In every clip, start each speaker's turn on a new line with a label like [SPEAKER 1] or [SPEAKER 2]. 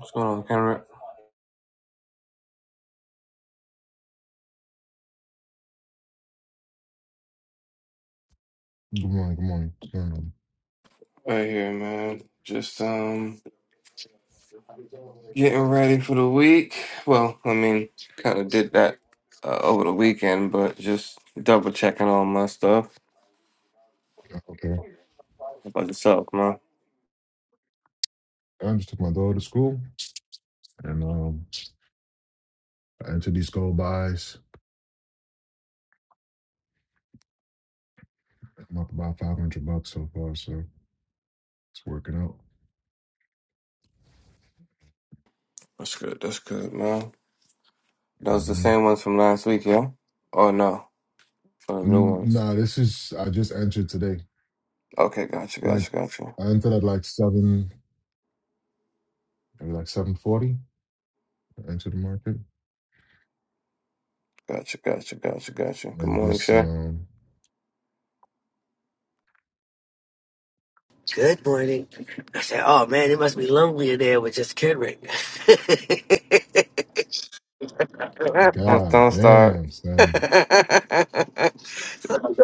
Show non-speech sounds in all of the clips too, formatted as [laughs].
[SPEAKER 1] What's going on, Conrad?
[SPEAKER 2] Good morning, good morning. Um,
[SPEAKER 1] Right here, man. Just um getting ready for the week. Well, I mean, kind of did that uh, over the weekend, but just double checking all my stuff.
[SPEAKER 2] okay.
[SPEAKER 1] How about yourself, man?
[SPEAKER 2] I just took my daughter to school and um I entered these gold buys. I'm up about five hundred bucks so far, so it's working out.
[SPEAKER 1] That's good. That's good, man. Those the
[SPEAKER 2] hmm
[SPEAKER 1] same ones from last week, yeah? Oh no, for the new ones.
[SPEAKER 2] Nah, this is I just entered today.
[SPEAKER 1] Okay, gotcha,
[SPEAKER 2] Like
[SPEAKER 1] gotcha, gotcha,
[SPEAKER 2] I entered at like seven maybe like seven forty, entered the market.
[SPEAKER 1] gotcha, gotcha, gotcha, gotcha. Good
[SPEAKER 2] And
[SPEAKER 1] morning,
[SPEAKER 2] just
[SPEAKER 1] Shay.
[SPEAKER 2] um
[SPEAKER 3] Good morning. I said, Oh man, it must be lonely in there with just Kendrick. [laughs] no,
[SPEAKER 1] Don't,
[SPEAKER 2] god
[SPEAKER 1] don't start.
[SPEAKER 2] damn son.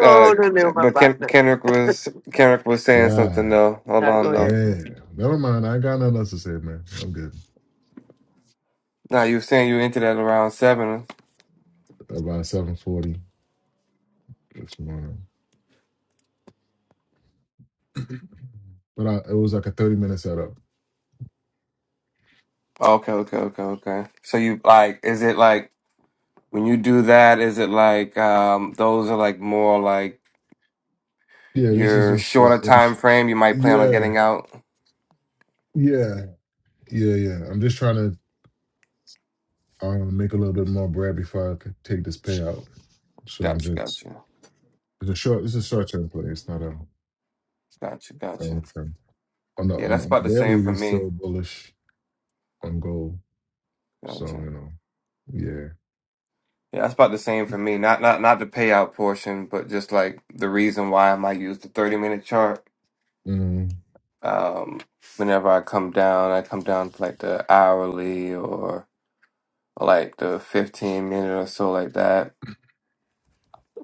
[SPEAKER 1] Uh,
[SPEAKER 3] no, my
[SPEAKER 1] but Ken-
[SPEAKER 3] partner.
[SPEAKER 1] Kendrick was Kendrick was saying something
[SPEAKER 2] God
[SPEAKER 1] though. Hold
[SPEAKER 3] Now
[SPEAKER 1] on
[SPEAKER 3] go
[SPEAKER 1] though.
[SPEAKER 3] ahead.
[SPEAKER 2] damn. Never mind, I ain't got nothing else to say, man. I'm good.
[SPEAKER 1] Now you were saying you entered at around seven.
[SPEAKER 2] About seven forty this morning. But I, it was like a 30 minute setup.
[SPEAKER 1] Okay, okay, okay, okay. So you like, is it like when you do that? Is it like um those are like more like
[SPEAKER 2] Yeah, this is
[SPEAKER 1] your
[SPEAKER 2] just uh,
[SPEAKER 1] shorter time
[SPEAKER 2] int-
[SPEAKER 1] frame? You might plan on
[SPEAKER 2] yeah,
[SPEAKER 1] getting out.
[SPEAKER 2] yeah, yeah, yeah. I'm just trying to um, make a little bit more bread before I could take this payout. So I'm
[SPEAKER 1] Gotcha,
[SPEAKER 2] just
[SPEAKER 1] gotcha,
[SPEAKER 2] it's a short. It's a short term play. It's not a
[SPEAKER 1] gotcha, gotcha.
[SPEAKER 2] long term. On the
[SPEAKER 1] Yeah,
[SPEAKER 2] on the,
[SPEAKER 1] that's
[SPEAKER 2] on
[SPEAKER 1] about the
[SPEAKER 2] the
[SPEAKER 1] same
[SPEAKER 2] daily,
[SPEAKER 1] for
[SPEAKER 2] we
[SPEAKER 1] me.
[SPEAKER 2] still bullish on gold. So
[SPEAKER 1] Gotcha.
[SPEAKER 2] you know, yeah.
[SPEAKER 1] Yeah, that's about the same for me. Not not not the payout portion, but just like the reason why I might use the thirty minute chart.
[SPEAKER 2] Mm,
[SPEAKER 1] Um, whenever I come down, I come down to like the hourly or. like the 15 minute or so like that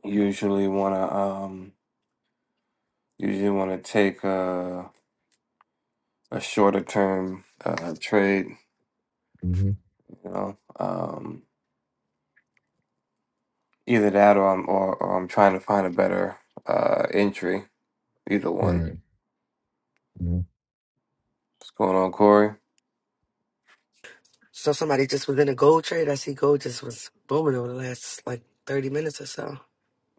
[SPEAKER 1] usually want to um usually want to take a a shorter term uh trade
[SPEAKER 2] mm-hmm.
[SPEAKER 1] you know um either that or I'm or, or I'm trying to find a better uh entry either one
[SPEAKER 2] Right. mhm.
[SPEAKER 1] what's going on Corey
[SPEAKER 3] So somebody just was in a gold trade. I see gold just was booming over the last like thirty minutes or so.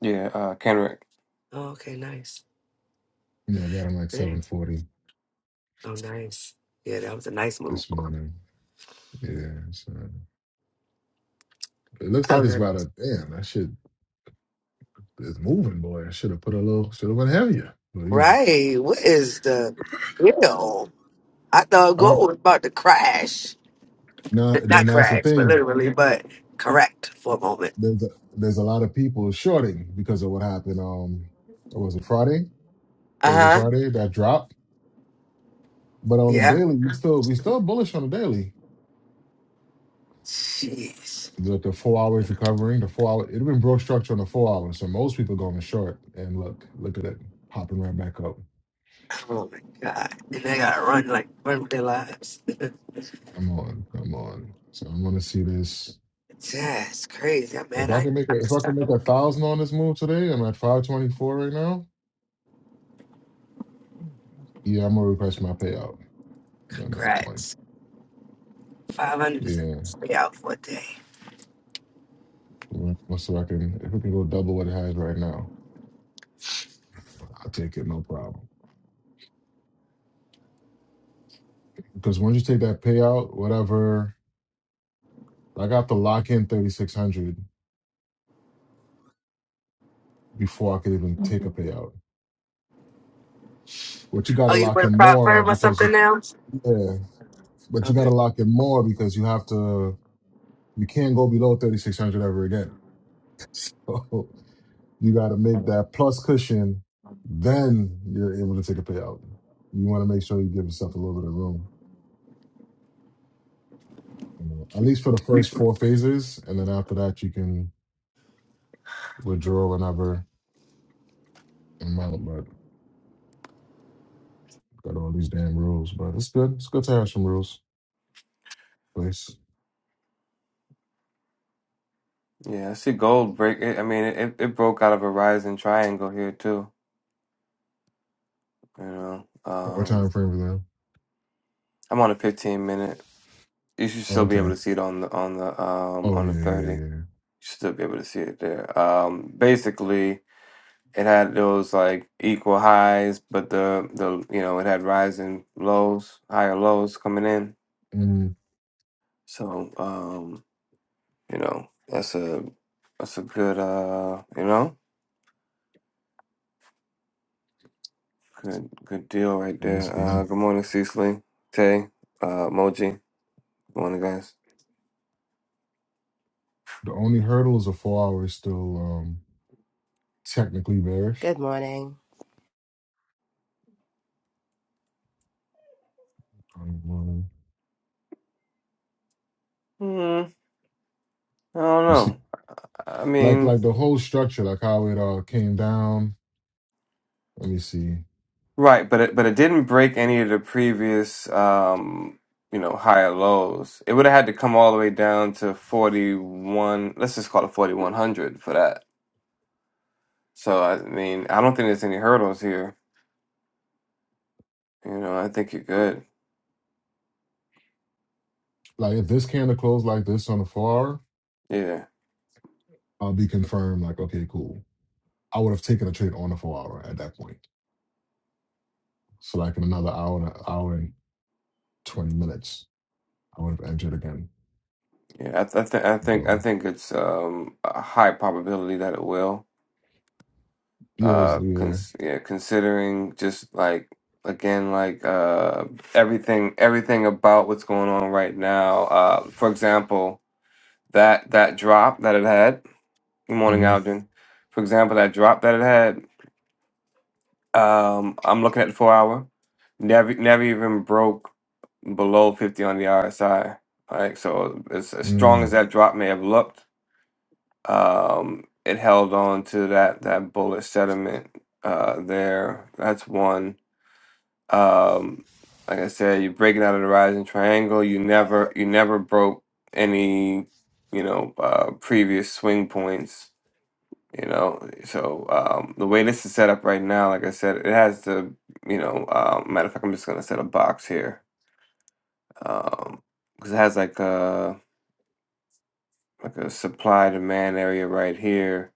[SPEAKER 1] yeah uh Kendrick
[SPEAKER 3] Oh, okay, nice.
[SPEAKER 2] Yeah, I got him like
[SPEAKER 3] Yeah.
[SPEAKER 2] seven forty
[SPEAKER 3] Oh, nice. Yeah, that was a nice move.
[SPEAKER 2] this morning. Yeah. So it looks
[SPEAKER 3] I
[SPEAKER 2] like
[SPEAKER 3] was
[SPEAKER 2] it's
[SPEAKER 3] like,
[SPEAKER 2] about a damn. That shit is moving, boy. I should have put a little. Should have went heavier. But you
[SPEAKER 3] right. What is the deal? I thought
[SPEAKER 2] know.
[SPEAKER 3] gold was about to crash.
[SPEAKER 2] Now,
[SPEAKER 3] not
[SPEAKER 2] then that's the
[SPEAKER 3] correct, but
[SPEAKER 2] thing.
[SPEAKER 3] literally, but correct for a moment.
[SPEAKER 2] There's a, there's a lot of people shorting because of what happened. Um, what was it Friday,
[SPEAKER 3] Uh
[SPEAKER 2] Thursday,
[SPEAKER 3] huh.
[SPEAKER 2] Friday that drop. But on the
[SPEAKER 3] Yeah.
[SPEAKER 2] daily, we still we still bullish on the daily.
[SPEAKER 3] Jeez.
[SPEAKER 2] The, the four hours recovering, the four hour it been broke structure on the four hours. So most people going short. And look, look at it hopping right back up.
[SPEAKER 3] Oh my god. And they gotta run like run with their lives. [laughs]
[SPEAKER 2] Come on, come on. So I'm gonna see this.
[SPEAKER 3] That's crazy. I'm
[SPEAKER 2] If
[SPEAKER 3] mad.
[SPEAKER 2] I
[SPEAKER 3] I
[SPEAKER 2] can make a,
[SPEAKER 3] I'm
[SPEAKER 2] if I
[SPEAKER 3] just
[SPEAKER 2] can make a thousand on this move today, I'm at five twenty four right now. Yeah, I'm gonna request my payout at that point.
[SPEAKER 3] Congrats. Five hundred is
[SPEAKER 2] Yeah.
[SPEAKER 3] enough to stay out for a day.
[SPEAKER 2] Well, so I can, if it can go double what it has right now, I'll take it, no problem. Because once you take that payout, whatever, like I got to lock in 3600 before I could even take a payout. But you got
[SPEAKER 3] Oh,
[SPEAKER 2] to
[SPEAKER 3] you
[SPEAKER 2] lock
[SPEAKER 3] went
[SPEAKER 2] in
[SPEAKER 3] prop
[SPEAKER 2] more
[SPEAKER 3] firm or
[SPEAKER 2] because
[SPEAKER 3] something
[SPEAKER 2] you,
[SPEAKER 3] now?
[SPEAKER 2] yeah, but you got
[SPEAKER 3] Okay.
[SPEAKER 2] to lock in more because you have to, you can't go below 3600 ever again. [laughs] So you got to make that plus cushion, then you're able to take a payout. You want to make sure you give yourself a little bit of room, you know, at least for the first four phases. And then after that, you can withdraw whenever I'm out, but got all these damn rules. But it's good. It's good to have some rules. in Place.
[SPEAKER 1] yeah I see gold break it, I mean it, it it broke out of a rising triangle here too you know
[SPEAKER 2] What
[SPEAKER 1] um
[SPEAKER 2] time frame is that?
[SPEAKER 1] I'm on a 15 minute you should
[SPEAKER 2] Oh,
[SPEAKER 1] still be able
[SPEAKER 2] okay.
[SPEAKER 1] to see it on the on the um
[SPEAKER 2] Oh
[SPEAKER 1] on the
[SPEAKER 2] yeah, yeah,
[SPEAKER 1] 30
[SPEAKER 2] yeah. yeah.
[SPEAKER 1] still be able to see it there. Um, basically, it had those like equal highs, but the the you know it had rising lows, higher lows coming in.
[SPEAKER 2] Mm,
[SPEAKER 1] So um, you know that's a that's a good uh you know good good deal right
[SPEAKER 2] it's
[SPEAKER 1] there. Uh,
[SPEAKER 2] good.
[SPEAKER 1] good morning, Cecily, Tay, uh, Moji. Good morning, guys.
[SPEAKER 2] The only hurdle is a four hour is still um technically bearish.
[SPEAKER 4] Good morning.
[SPEAKER 2] Um, um,
[SPEAKER 1] Hmm, I don't
[SPEAKER 2] you see,
[SPEAKER 1] know. I
[SPEAKER 2] like
[SPEAKER 1] mean.
[SPEAKER 2] like the whole structure, like how it uh came down. Let me see.
[SPEAKER 1] Right, but it but it didn't break any of the previous um you know higher lows. It would have had to come all the way down to 41, let's just call it 4100 for that. So I mean, I don't think there's any hurdles here. You know, I think you're good.
[SPEAKER 2] Like if this candle closed like this on the four hour,
[SPEAKER 1] Yeah.
[SPEAKER 2] I'll be confirmed. Like okay, cool. I would have taken a trade on the four hour at that point. So like in another hour, hour 20 minutes, I would have entered again.
[SPEAKER 1] Yeah, I th I think I
[SPEAKER 2] I
[SPEAKER 1] think
[SPEAKER 2] go,
[SPEAKER 1] I think it's um a high probability that it will.
[SPEAKER 2] yes,
[SPEAKER 1] Uh
[SPEAKER 2] yeah.
[SPEAKER 1] cons yeah, considering just like again like uh everything everything about what's going on right now. Uh for example, that that drop that it had. Good morning,
[SPEAKER 2] Mm-hmm.
[SPEAKER 1] Alden. For example, that drop that it had. Um, I'm looking at the four hour. Never, never even broke below 50 on the RSI. Right, so as, as strong
[SPEAKER 2] Mm-hmm.
[SPEAKER 1] as that drop may have looked, um, it held on to that that bullish sediment uh, there. That's one. Um, like I said, you're breaking out of the rising triangle. You never you never broke any you know uh, previous swing points You know, so um, the way this is set up right now, like I said, it has the, you know, um, matter of fact, I'm just gonna set a box here, um, because it has like a like a supply demand area right here,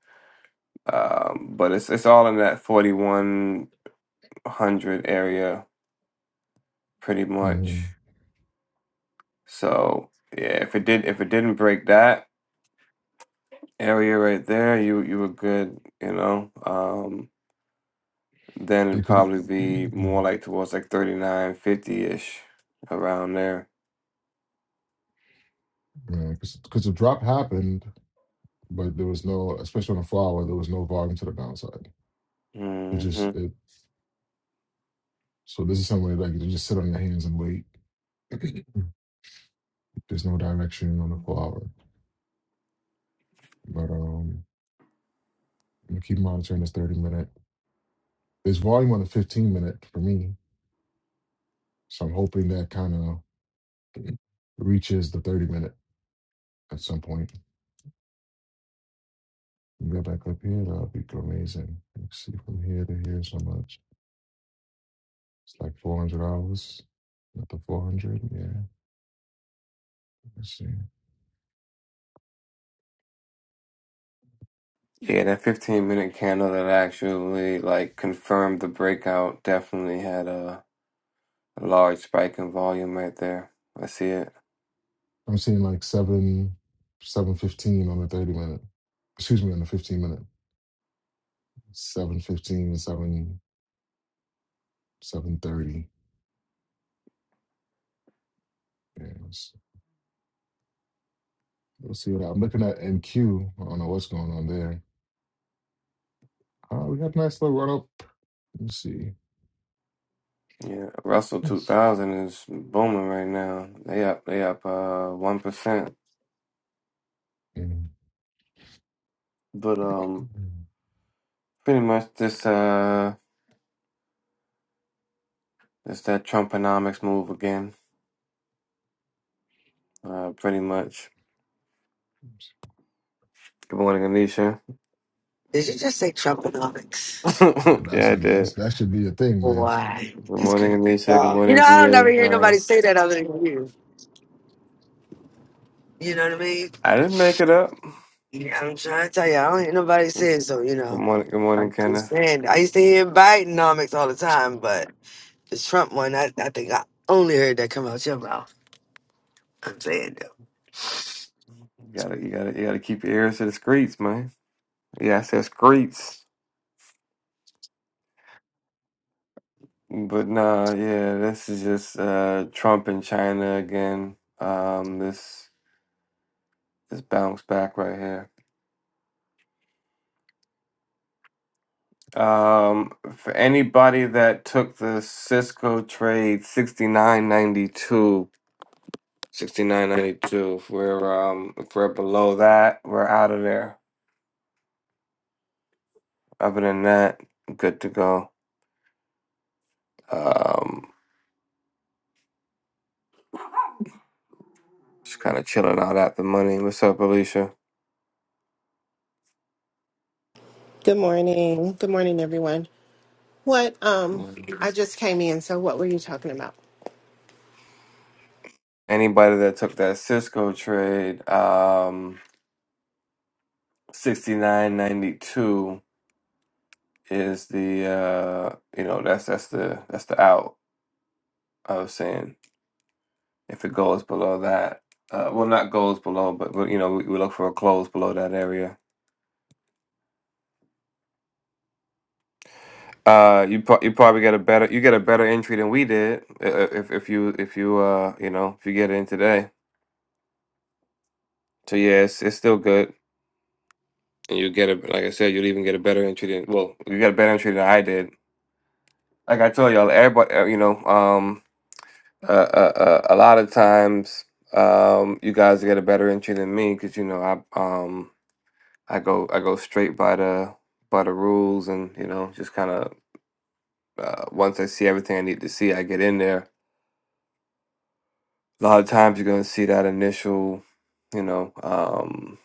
[SPEAKER 1] um, but it's it's all in that 4100 area pretty
[SPEAKER 2] Mm-hmm.
[SPEAKER 1] much. So yeah, if it did if it didn't break that area right there, you you were good, you know. Um, Then
[SPEAKER 2] Yeah,
[SPEAKER 1] it'd
[SPEAKER 2] Because
[SPEAKER 1] probably be more like towards like thirty nine fifty ish around there.
[SPEAKER 2] the [clears throat] drop happened, but there was no, especially on the flower, there was no volume to the downside. It just,
[SPEAKER 1] hmm
[SPEAKER 2] it, so this is something like you just sit on your hands and wait. [clears throat] There's no direction on the flower. But um, I'm gonna keep monitoring this 30 minute. There's volume on the 15 minute for me. So I'm hoping that kind of [clears throat] reaches the 30 minute at some point. You go back up here, that'll be amazing. You can see from here to here so much. It's like four hundred hours. Not the four hundred, yeah. Let's see.
[SPEAKER 1] Yeah, that 15 minute candle that actually like confirmed the breakout definitely had a, a large spike in volume right there. I see it.
[SPEAKER 2] I'm seeing like seven seven fifteen on the thirty minute. Excuse me, on the fifteen minute. Seven fifteen and seven seven thirty. Yeah, let's, let's see what I- I'm looking at MQ. I don't know what's going on there. Uh, we got a nice little run up. Let's see.
[SPEAKER 1] Yeah, Russell
[SPEAKER 2] Let's
[SPEAKER 1] 2000 is booming right now. They up, they up uh 1%.
[SPEAKER 2] see.
[SPEAKER 1] But um
[SPEAKER 2] [clears throat]
[SPEAKER 1] pretty much this uh it's that Trumponomics move again. Uh pretty much. Good morning, Anisha.
[SPEAKER 3] Did you just say Trumponomics?
[SPEAKER 2] Dude,
[SPEAKER 1] [laughs]
[SPEAKER 2] That's,
[SPEAKER 1] yeah, I
[SPEAKER 2] a,
[SPEAKER 1] did.
[SPEAKER 2] that's that should be a thing, man.
[SPEAKER 3] Why?
[SPEAKER 1] Good
[SPEAKER 3] That's
[SPEAKER 1] morning,
[SPEAKER 3] crazy.
[SPEAKER 1] Anisha. Good
[SPEAKER 5] y'all.
[SPEAKER 3] You
[SPEAKER 1] morning,
[SPEAKER 3] know, I don't never
[SPEAKER 1] Gia.
[SPEAKER 3] hear nobody
[SPEAKER 1] Ryan.
[SPEAKER 3] say that other than you. You know what I mean?
[SPEAKER 1] I didn't make it up.
[SPEAKER 3] Yeah, I'm trying to tell you, I don't hear nobody
[SPEAKER 1] Good
[SPEAKER 3] saying so, you know.
[SPEAKER 1] morning, good morning,
[SPEAKER 3] I'm just
[SPEAKER 1] Kenneth.
[SPEAKER 3] saying. I used to hear Bidenomics all the time, but the Trump one, I, I think I only heard that come out your mouth. I'm saying though.
[SPEAKER 1] You gotta, you gotta, you gotta keep your ears to the streets, man. Yeah, I said streets, but nah, yeah, this is just uh, Trump and China again. Um, this this bounce back right here. Um, for anybody that took the Cisco trade sixty nine ninety two, sixty nine ninety two, If we're um if we're below that, we're out of there. Other than that, I'm good to go. Um, just kind of chilling out at the money. What's up, Alicia?
[SPEAKER 6] Good morning. Good morning, everyone. What, um,
[SPEAKER 1] Mm.
[SPEAKER 6] I just came in, so what were you talking about?
[SPEAKER 1] Anybody that took that Cisco trade, um, sixty nine ninety two is the uh, you know that's that's the that's the out. I was saying if it goes below that, uh, well not goes below, but, but you know we, we look for a close below that area. Uh, you pro- you probably get a better you get a better entry than we did uh, if if you if you uh you know if you get in today. So yeah, it's, it's still good, and you get a like I said, you'll even get a better entry than well, you got a better entry than I did. Like I told y'all, everybody, uh, you know, um, uh, uh, uh, a lot of times, um, you guys get a better entry than me because you know I um I go I go straight by the by the rules and you know just kind of uh, once I see everything I need to see, I get in there. A lot of times you're gonna see that initial, you know, um,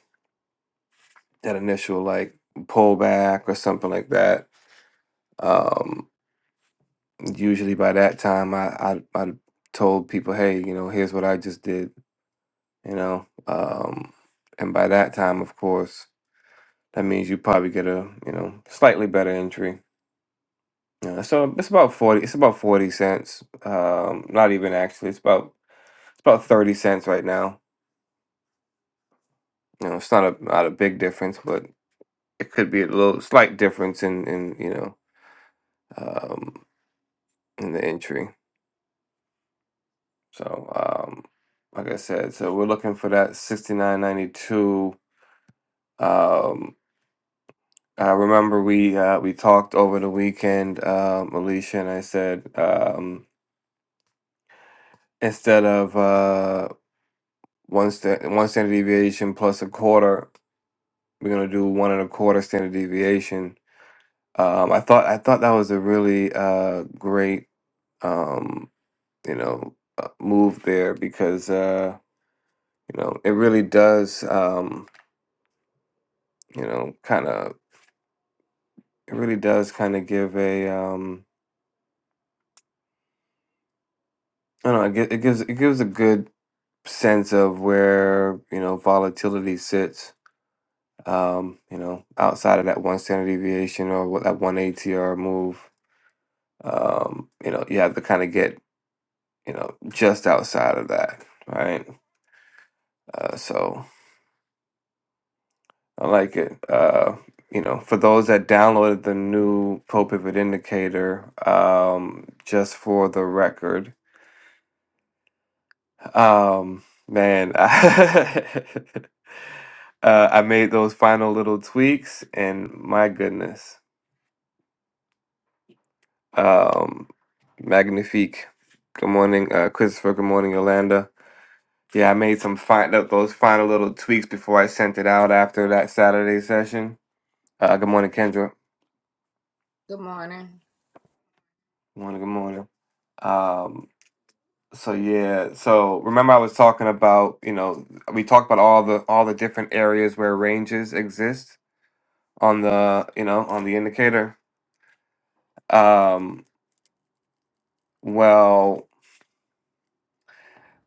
[SPEAKER 1] that initial like pullback or something like that. Um, usually by that time I, I I told people, hey, you know, here's what I just did, you know. Um and by that time, of course, that means you probably get a, you know, slightly better entry. Uh, so it's about 40 it's about 40 cents. Um not even actually. It's about it's about 30 cents right now. You know, it's not a not a big difference, but it could be a little slight difference in in, you know, um in the entry. So, um like I said, so we're looking for that 69.92 Um, I remember we uh, we talked over the weekend, um, Alicia, and I said um, instead of uh, one sta one standard deviation plus a quarter, we're gonna do one and a quarter standard deviation. Um, I thought I thought that was a really uh, great um, you know uh, move there because uh, you know it really does um, you know kind of it really does kind of give a um, I don't know it gi- it gives it gives a good sense of where you know volatility sits. Um, you know, outside of that one standard deviation or what that one ATR move, um, you know, you have to kind of get you know just outside of that, right? Uh, so I like it. Uh, you know, for those that downloaded the new Pro Pivot Indicator, um, just for the record, um, man, [laughs] I, uh, I made those final little tweaks, and my goodness. Um, Magnifique, good morning. Uh, Christopher, good morning. Yolanda. Yeah, I made some fine th- those final little tweaks before I sent it out after that Saturday session. Uh, good morning, Kendra.
[SPEAKER 7] Good morning.
[SPEAKER 1] Good morning. Good morning. Um, so yeah, so remember I was talking about, you know, we talked about all the all the different areas where ranges exist on the, you know, on the indicator. Um, well,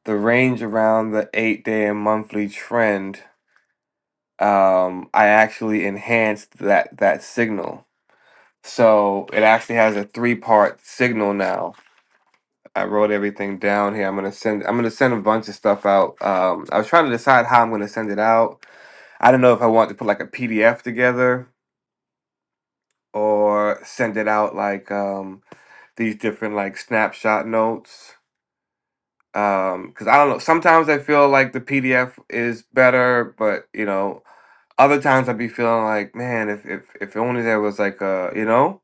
[SPEAKER 1] the range around the eight day and monthly trend um, I actually enhanced that that signal. So it actually has a three part signal now. I wrote everything down here. I'm gonna send. I'm gonna send a bunch of stuff out. Um, I was trying to decide how I'm gonna send it out. I don't know if I want to put like a PDF together or send it out like um, these different like snapshot notes. Um, because I don't know. Sometimes I feel like the PDF is better, but you know, other times I'd be feeling like, man, if if if only there was like a you know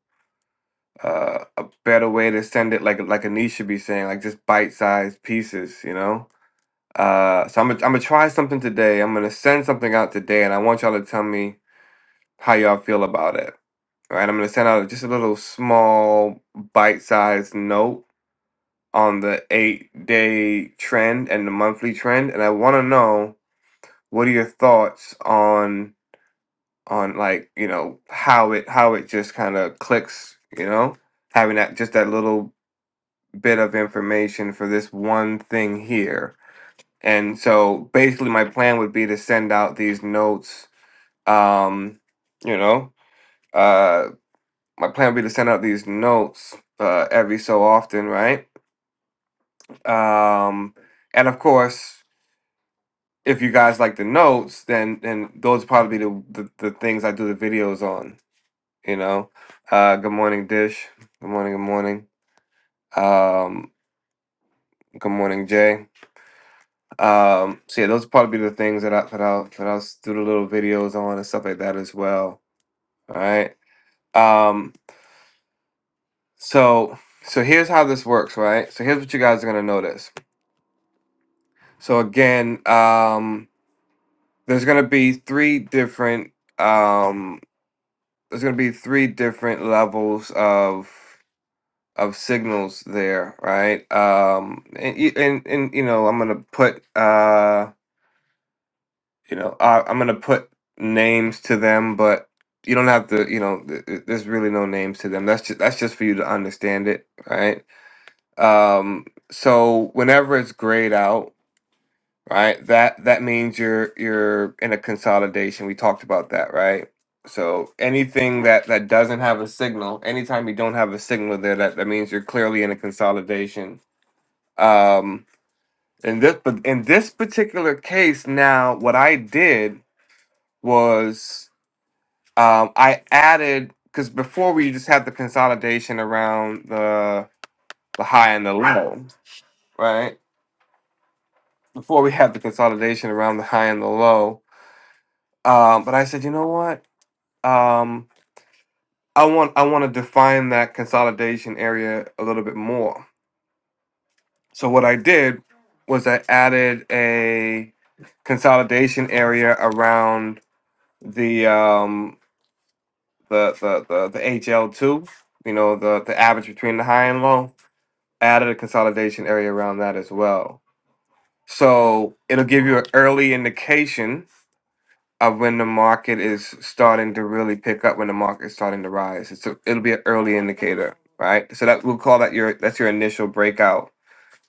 [SPEAKER 1] uh, a better way to send it, like like Anish should be saying, like just bite-sized pieces, you know. Uh, so I'm gonna I'm gonna try something today. I'm gonna send something out today, and I want y'all to tell me how y'all feel about it. All right, I'm gonna send out just a little small bite-sized note on the eight day trend and the monthly trend and i want to know what are your thoughts on on like you know how it how it just kind of clicks you know having that just that little bit of information for this one thing here and so basically my plan would be to send out these notes um you know uh my plan would be to send out these notes uh every so often right um and of course if you guys like the notes, then then those probably be the, the the things I do the videos on. You know, uh, good morning, Dish. Good morning, good morning. Um, good morning, Jay. Um, so yeah, those probably be the things that I that I'll that I'll do the little videos on and stuff like that as well. All right. Um, so so here's how this works, right? So here's what you guys are gonna notice. So again, um, there's gonna be three different um there's going to be three different levels of of signals there, right? Um, and y- and, and you know, I'm going to put uh, you know, I, I'm going to put names to them, but you don't have to, you know, th- th- there's really no names to them. That's just that's just for you to understand it, right? Um, so whenever it's grayed out right? That that means you're you're in a consolidation. We talked about that, right? So anything that that doesn't have a signal, anytime you don't have a signal there, that that means you're clearly in a consolidation. Um, in this but in this particular case, now what I did was um, I added because before we just had the consolidation around the the high and the low, right? Before we had the consolidation around the high and the low, um, but I said, you know what? um, I want I want to define that consolidation area a little bit more. So what I did was I added a consolidation area around the um, the, the the the HL two. You know the the average between the high and low. Added a consolidation area around that as well. So it'll give you an early indication of when the market is starting to really pick up, when the market is starting to rise. It's a, it'll be an early indicator, right? So that we'll call that your that's your initial breakout.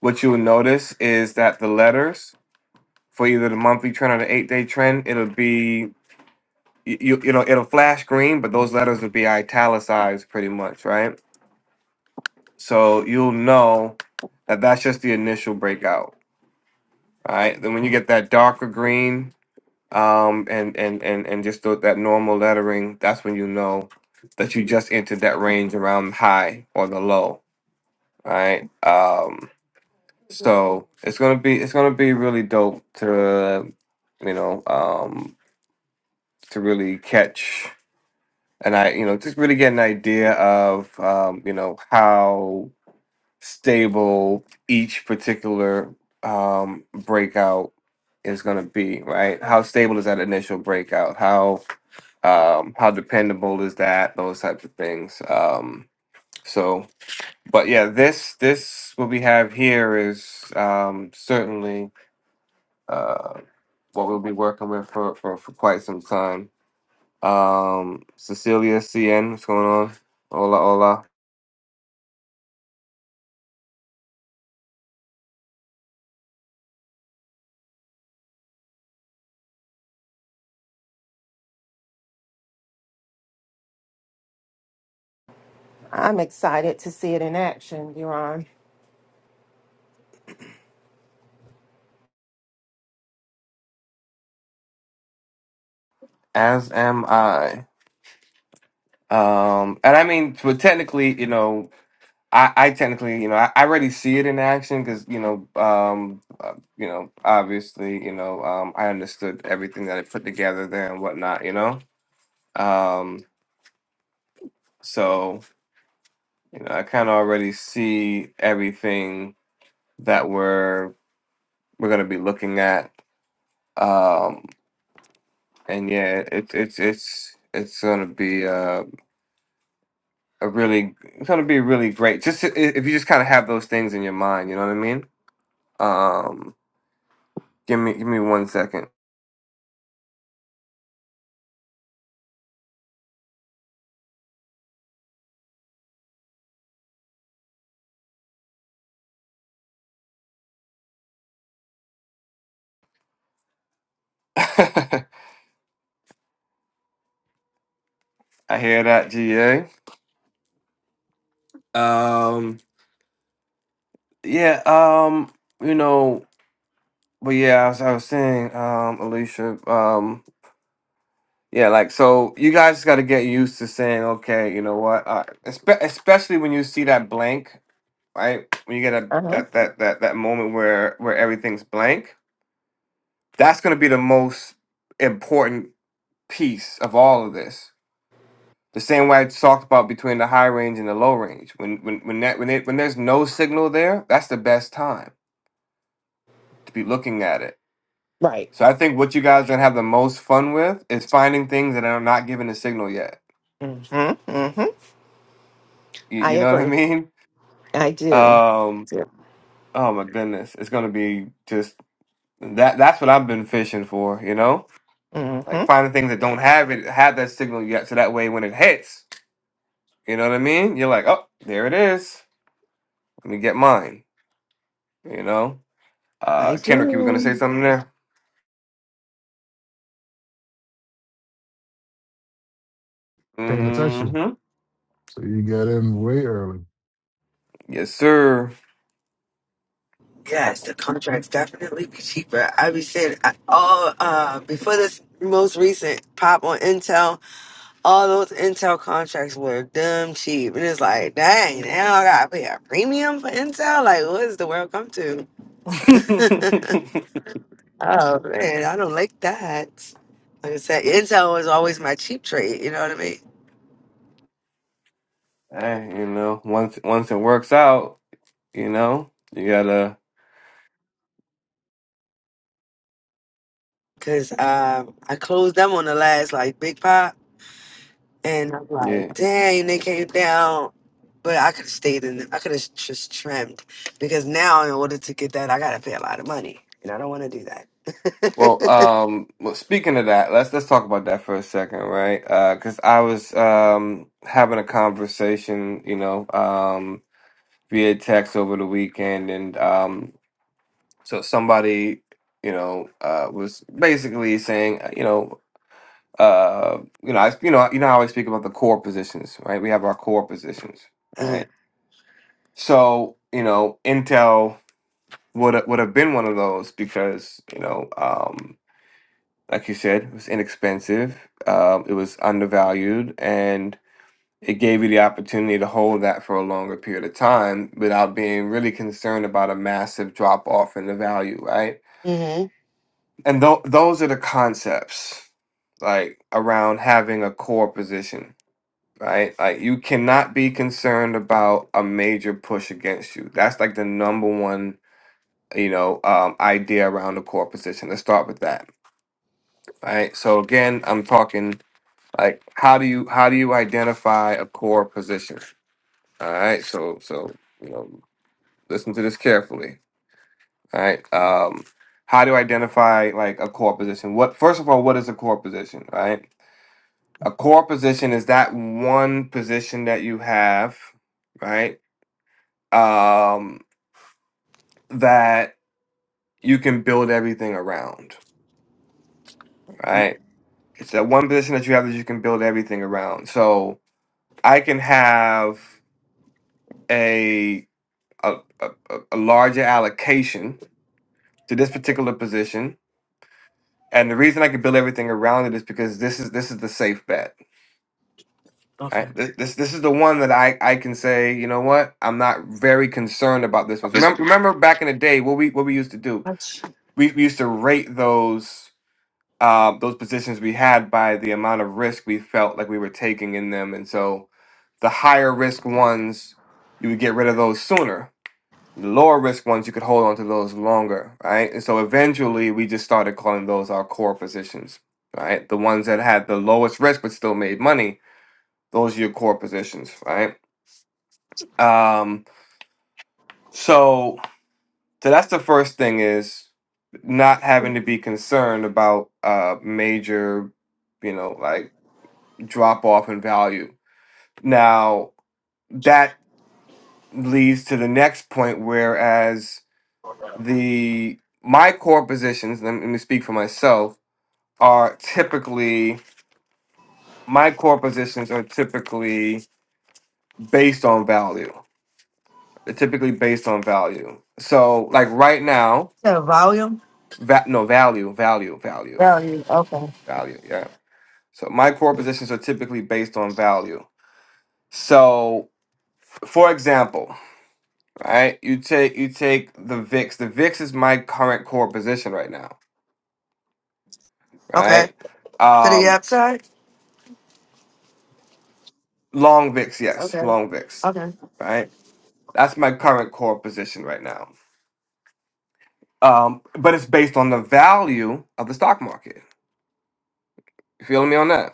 [SPEAKER 1] What you'll notice is that the letters for either the monthly trend or the eight day trend, it'll be you, you you know it'll flash green, but those letters will be italicized pretty much, right? So you'll know that that's just the initial breakout, right? Then when you get that darker green. um, and and and and just th- that normal lettering, that's when you know that you just entered that range around high or the low, right? Um, so it's gonna be it's gonna be really dope to you know um, to really catch and I you know just really get an idea of um, you know how stable each particular um, breakout is gonna be, right? How stable is that initial breakout? How um, how dependable is that those types of things um, so but yeah this this what we have here is um, certainly uh, what we'll be working with for, for, for quite some time um, cecilia cn what's going on hola hola
[SPEAKER 6] I'm excited to see it in action, Yaron.
[SPEAKER 1] as am i um, and i mean but technically you know I, I technically, you know, I, I already see it in action because, you know, um, uh, you know, obviously, you know, um, I understood everything that it put together there and whatnot, you know, um, so you know, I kind of already see everything that we're we're gonna be looking at, um, and yeah, it's it's it's it's gonna be uh, a really it's gonna be really great. Just i- if you just kind of have those things in your mind, you know what I mean? Um, give me give me one second. I hear that, GA. Um, yeah, um, you know, but yeah, as I was saying, um, Alicia, um, yeah, like, so you guys got to get used to saying, okay, you know what, uh, espe- especially when you see that blank, right? When you get a,
[SPEAKER 6] Uh-huh.
[SPEAKER 1] that, that, that, that moment where, where everything's blank, that's going to be the most important piece of all of this The same way I talked about between the high range and the low range. When when when that when it when there's no signal there, that's the best time to be looking at it.
[SPEAKER 6] Right.
[SPEAKER 1] So I think what you guys are gonna have the most fun with is finding things that are not giving a signal yet.
[SPEAKER 6] Mm-hmm. Mm-hmm.
[SPEAKER 1] You,
[SPEAKER 6] I
[SPEAKER 1] you know what I
[SPEAKER 6] agree.
[SPEAKER 1] mean?
[SPEAKER 6] I do.
[SPEAKER 1] Um. Oh my goodness, it's gonna be just that. That's what I've been fishing for. You know, like
[SPEAKER 6] Mm-hmm.
[SPEAKER 1] finding things that don't have it have that signal yet. So that way, when it hits, you know what I mean. You're like, oh, there it is. Let me get mine. You know.
[SPEAKER 6] I
[SPEAKER 1] Uh, Kendrick, you were gonna say
[SPEAKER 6] do.
[SPEAKER 1] something there?
[SPEAKER 2] Paying attention.
[SPEAKER 1] hmm
[SPEAKER 2] So you got in way early.
[SPEAKER 1] Yes, sir. [laughs]
[SPEAKER 3] Yes, the contracts definitely be cheaper. I be saying I- all uh before this most recent pop on Intel, all those Intel contracts were dumb cheap, and it's like, dang, now I gotta pay a premium for Intel. Like, what does the world come
[SPEAKER 1] hey,
[SPEAKER 3] to? [laughs] Oh [laughs] man, I don't like that. Like I said, Intel was always my cheap trade. You know what I mean?
[SPEAKER 1] you know, once once it works out, you know, you gotta
[SPEAKER 3] Cause um, I closed them on the last like big pop, and I'm like,
[SPEAKER 1] yeah.
[SPEAKER 3] dang, they came down. But I could have stayed in. I could have just trimmed because now in order to get that, I gotta pay a lot of money, and I don't want to do that.
[SPEAKER 1] Well, um, well, speaking of that, let's let's talk about that for a second, right? Uh, because I was um having a conversation, you know, um via text over the weekend, and um, so somebody, you know, uh, was basically saying, uh, you know, Uh, you know, I you know you know how I always speak about the core positions, right? We have our core positions,
[SPEAKER 3] [laughs] uh,
[SPEAKER 1] right? So you know, Intel would have- would have been one of those because you know, um, like you said, it was inexpensive, um, it was undervalued, and it gave you the opportunity to hold that for a longer period of time without being really concerned about a massive drop off in the value, right?
[SPEAKER 3] mm-hmm.
[SPEAKER 1] And th- those are the concepts like around having a core position right? Like you cannot be concerned about a major push against you. That's like the number one, you know, um, idea around the core position. Let's start with that, right? So again, I'm talking like how do you how do you identify a core position? All right, so so you know, listen to this carefully. All right, um, how do you identify like a core position? What first of all, what is a core position? Right, a core position is that one position that you have, right? um, that you can build everything around, right? It's that one position that you have that you can build everything around. So I can have a a, a, a a larger allocation to this particular position, and the reason I can build everything around it is because this is this is the safe bet. Right?
[SPEAKER 3] Okay.
[SPEAKER 1] This, this this is the one that I, I can say you know what I'm not very concerned about this
[SPEAKER 3] Oh,
[SPEAKER 1] one.
[SPEAKER 3] This one.
[SPEAKER 1] Remember remember back in the day what we what we used to do
[SPEAKER 3] Much.
[SPEAKER 1] we, we used to rate those um, those positions we had by the amount of risk we felt like we were taking in them. And so the higher risk ones, you would get rid of those sooner. The lower risk ones, you could hold on to those longer, right? And so eventually we just started calling those our core positions, right? The ones that had the lowest risk but still made money, those are your core positions, right? Um, so, so that's the first thing is not having to be concerned about uh major, you know, like drop off in value. Now, that leads to the next point, whereas the my core positions, let me speak for myself, are typically my core positions are typically based on value. They're typically based on value. So, like right now,
[SPEAKER 3] Yeah, volume.
[SPEAKER 1] va- no value, value, value,
[SPEAKER 3] Value. Okay.
[SPEAKER 1] value. Yeah. So my core positions are typically based on value. So, for example, right? You take you take the VIX. The VIX is my current core position right now,
[SPEAKER 3] Okay.
[SPEAKER 1] right?
[SPEAKER 3] To the
[SPEAKER 1] Um,
[SPEAKER 3] upside.
[SPEAKER 1] long VIX, yes,
[SPEAKER 3] Okay.
[SPEAKER 1] long VIX,
[SPEAKER 3] Okay.
[SPEAKER 1] right? That's my current core position right now. Um, but it's based on the value of the stock market. You feel me on that,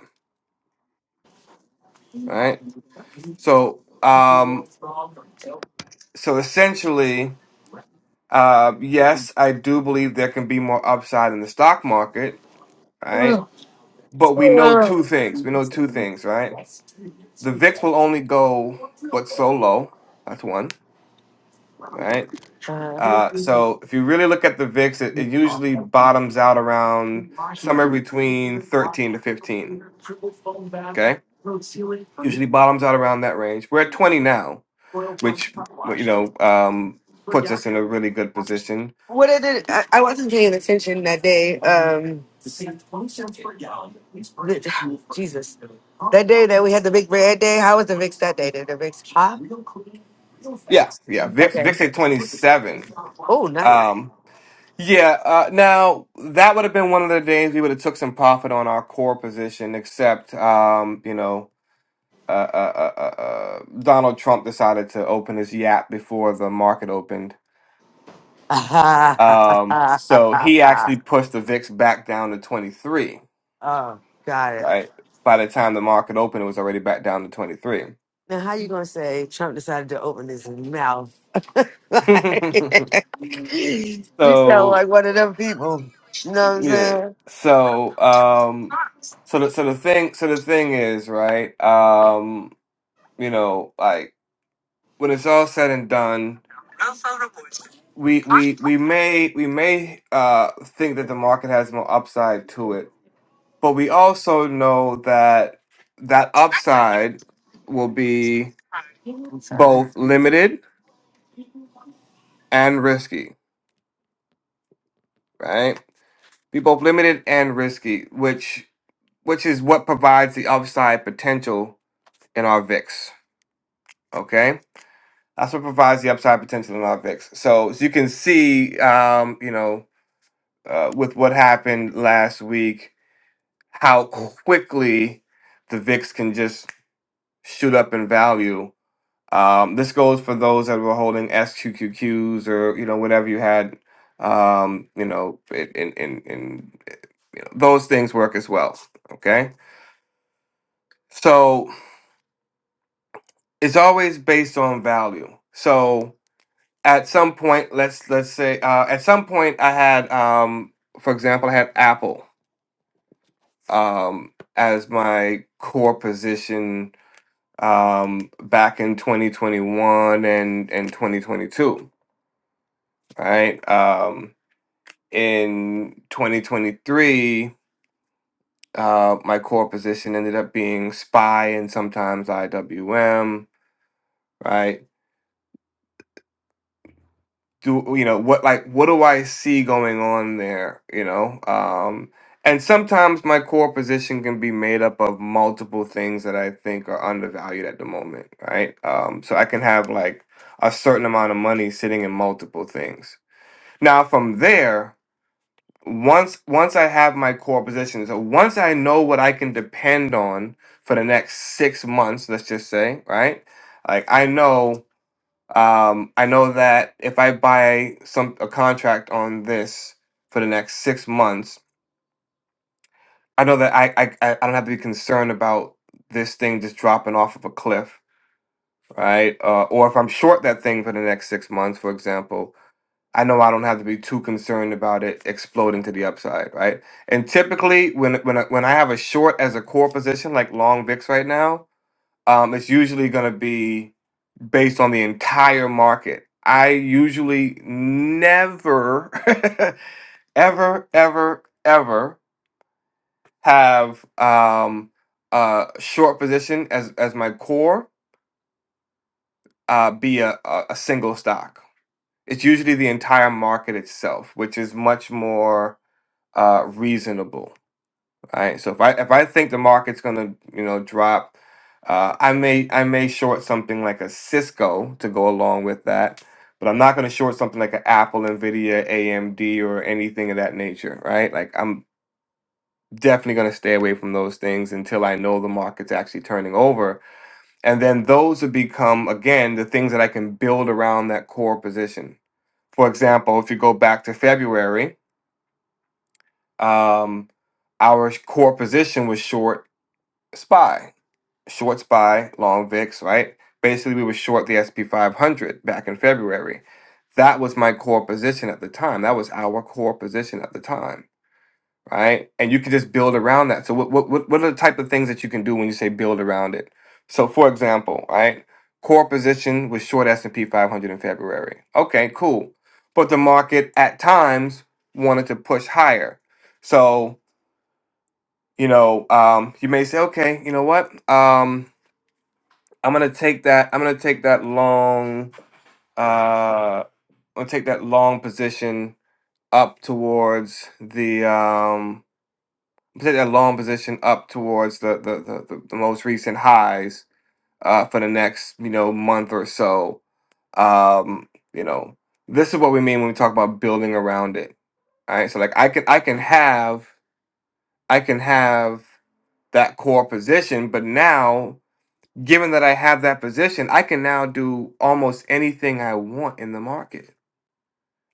[SPEAKER 1] right? So, um, so essentially, uh, yes, I do believe there can be more upside in the stock market, right?
[SPEAKER 3] Ugh.
[SPEAKER 1] But we know two things. We know two things, right? the VIX will only go but so low. That's one, right? Uh, so if you really look at the VIX, it, it usually bottoms out around somewhere between 13 to 15. Okay, usually bottoms out around that range. We're at 20 now, which well, you know um, puts us in a really good position.
[SPEAKER 3] What I did, I, I wasn't paying attention that day. Um, the- Jesus, that day that we had the big red day. How was the VIX that day? Did the VIX pop?
[SPEAKER 1] Yeah, yeah. VIX
[SPEAKER 3] Okay.
[SPEAKER 1] VIX at 27.
[SPEAKER 3] Oh, nice.
[SPEAKER 1] Um, yeah. Uh, now that would have been one of the days we would have took some profit on our core position, except um, you know uh, uh, uh, uh, uh, Donald Trump decided to open his yap before the market opened.
[SPEAKER 3] [laughs]
[SPEAKER 1] Um, so he actually pushed the VIX back down to 23,
[SPEAKER 3] oh, got it.
[SPEAKER 1] right? By the time the market opened, it was already back down to 23.
[SPEAKER 3] Now, how you gonna say Trump decided to open his mouth? [laughs]
[SPEAKER 1] [laughs]
[SPEAKER 3] Like, [laughs] you sound
[SPEAKER 1] so
[SPEAKER 3] like one of them people. You know what I'm
[SPEAKER 1] yeah,
[SPEAKER 3] saying?
[SPEAKER 1] so um, so the so the thing so the thing is right. Um, you know, like when it's all said and done, we we we may we may uh think that the market has more upside to it But we also know that that upside will be
[SPEAKER 3] I'm sorry.
[SPEAKER 1] both limited and risky, right? Be both limited and risky, which which is what provides the upside potential in our VIX. Okay, that's what provides the upside potential in our VIX. So as you can see, um, you know, uh, with what happened last week, how quickly the VIX can just shoot up in value Um, this goes for those that were holding SQQQs or you know whatever you had. Um, you know, it, in in in those things work as well. Okay, so it's always based on value. So at some point, let's let's say uh, at some point I had, um, for example, I had Apple um, as my core position um back in 2021 and and 2022 right um in 2023, uh, my core position ended up being spy and sometimes IWM, right? Do you know what like what do I see going on there? You know, um, and sometimes my core position can be made up of multiple things that I think are undervalued at the moment, right? Um, so I can have like a certain amount of money sitting in multiple things. Now from there, once once I have my core position, so once I know what I can depend on for the next six months, let's just say, right? Like I know, um, I know that if I buy some a contract on this for the next six months, I know that I I, I I don't have to be concerned about this thing just dropping off of a cliff, right? Uh, or if I'm short that thing for the next six months, for example, I know I don't have to be too concerned about it exploding to the upside, right? And typically, when when I- when I have a short as a core position like long VIX right now, um, it's usually going to be based on the entire market. I usually never, [laughs] ever, ever, ever have um, a short position as as my core uh, be a, a a single stock. It's usually the entire market itself, which is much more uh, reasonable, right? So if I if I think the market's gonna you know drop, uh, I may I may short something like a Cisco to go along with that, but I'm not gonna short something like an Apple, Nvidia, AMD, or anything of that nature, right? Like I'm definitely gonna stay away from those things until I know the market's actually turning over, and then those would become again the things that I can build around that core position. For example, if you go back to February. Um, our core position was short SPY, short SPY, long VIX, right? Basically, we were short the SP 500 back in February. That was my core position at the time. That was our core position at the time, right? And you can just build around that. So, what, what, what what are the type of things that you can do when you say build around it? So, for example, right, core position was short S&P 500 in February. Okay, cool. But the market at times wanted to push higher. So you know, um, you may say, okay, you know what? Um, I'm gonna take that. I'm gonna take that long. Uh, I'm gonna take that long position up towards the. Um, take that long position up towards the the, the, the, the most recent highs uh, for the next you know month or so. Um, you know, this is what we mean when we talk about building around it. All right, so like I can I can have I can have that core position, but now given that I have that position, I can now do almost anything I want in the market.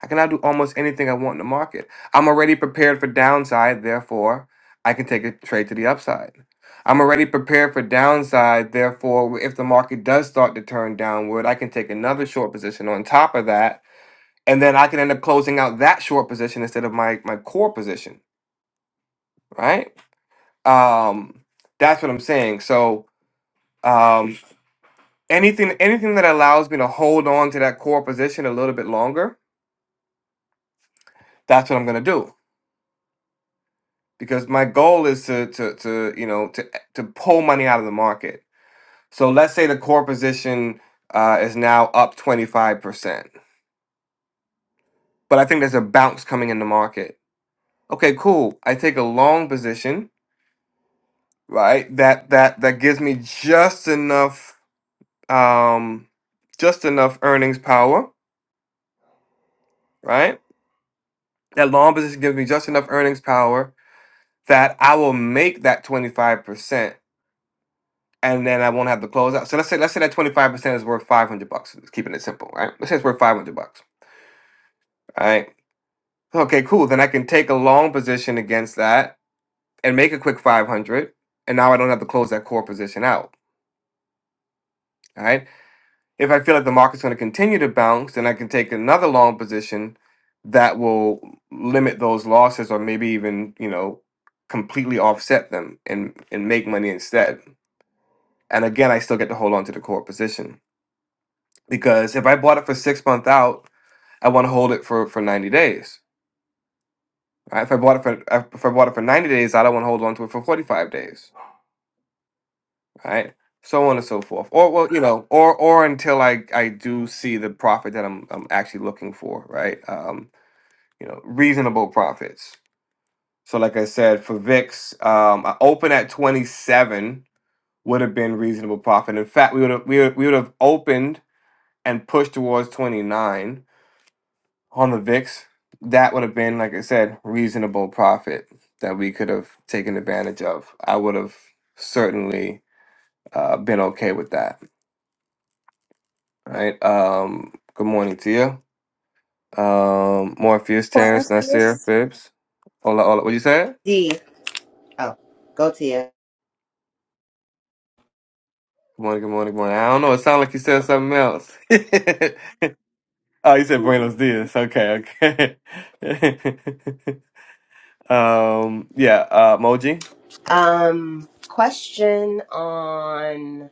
[SPEAKER 1] I can now do almost anything I want in the market. I'm already prepared for downside, therefore, I can take a trade to the upside. I'm already prepared for downside, therefore, if the market does start to turn downward, I can take another short position on top of that, and then I can end up closing out that short position instead of my my core position, right? Um, that's what I'm saying. So, um. Anything anything that allows me to hold on to that core position a little bit longer, that's what I'm gonna do. Because my goal is to to to you know to to pull money out of the market. So let's say the core position uh, is now up 25%. But I think there's a bounce coming in the market. Okay, cool. I take a long position, right? That that that gives me just enough um just enough earnings power, right? That long position gives me just enough earnings power that I will make that 25% and then I won't have the closeout. So let's say let's say that 25% is worth 500 bucks. Just keeping it simple, right? Let's say it's worth 500 bucks, all right? Okay, cool. Then I can take a long position against that and make a quick 500 and now I don't have to close that core position out, all right? If I feel like the market's going to continue to bounce, then I can take another long position that will limit those losses or maybe even, you know, completely offset them and and make money instead And again, I still get to hold on to the core position because if I bought it for six months out, I want to hold it for, for 90 days. Right? If I bought it for uh, if I bought it for 90 days, I don't want to hold on to it for 45 days. Right? So on and so forth. Or well, you know, or or until I I do see the profit that I'm I'm actually looking for, right? Um, you know, reasonable profits. So like I said, for VIX, um, I opened at 27 would have been reasonable profit. In fact, we would have we would, we would have opened and pushed towards 29 on the VIX, that would have been, like I said, reasonable profit that we could have taken advantage of. I would have certainly uh, been okay with that. Right. Um, good morning to you. Um, Morpheus,
[SPEAKER 8] One of
[SPEAKER 1] Terrence, Nasir,
[SPEAKER 8] these.
[SPEAKER 1] Phipps. Hola, hola. What you say?
[SPEAKER 4] D. Oh, go to you.
[SPEAKER 1] Good morning, good morning, good morning. I don't know. It sounded like you said something else. [laughs] oh, you said Buenos Dias. Okay, okay. [laughs] um, yeah. Uh, Moji,
[SPEAKER 4] Um, question on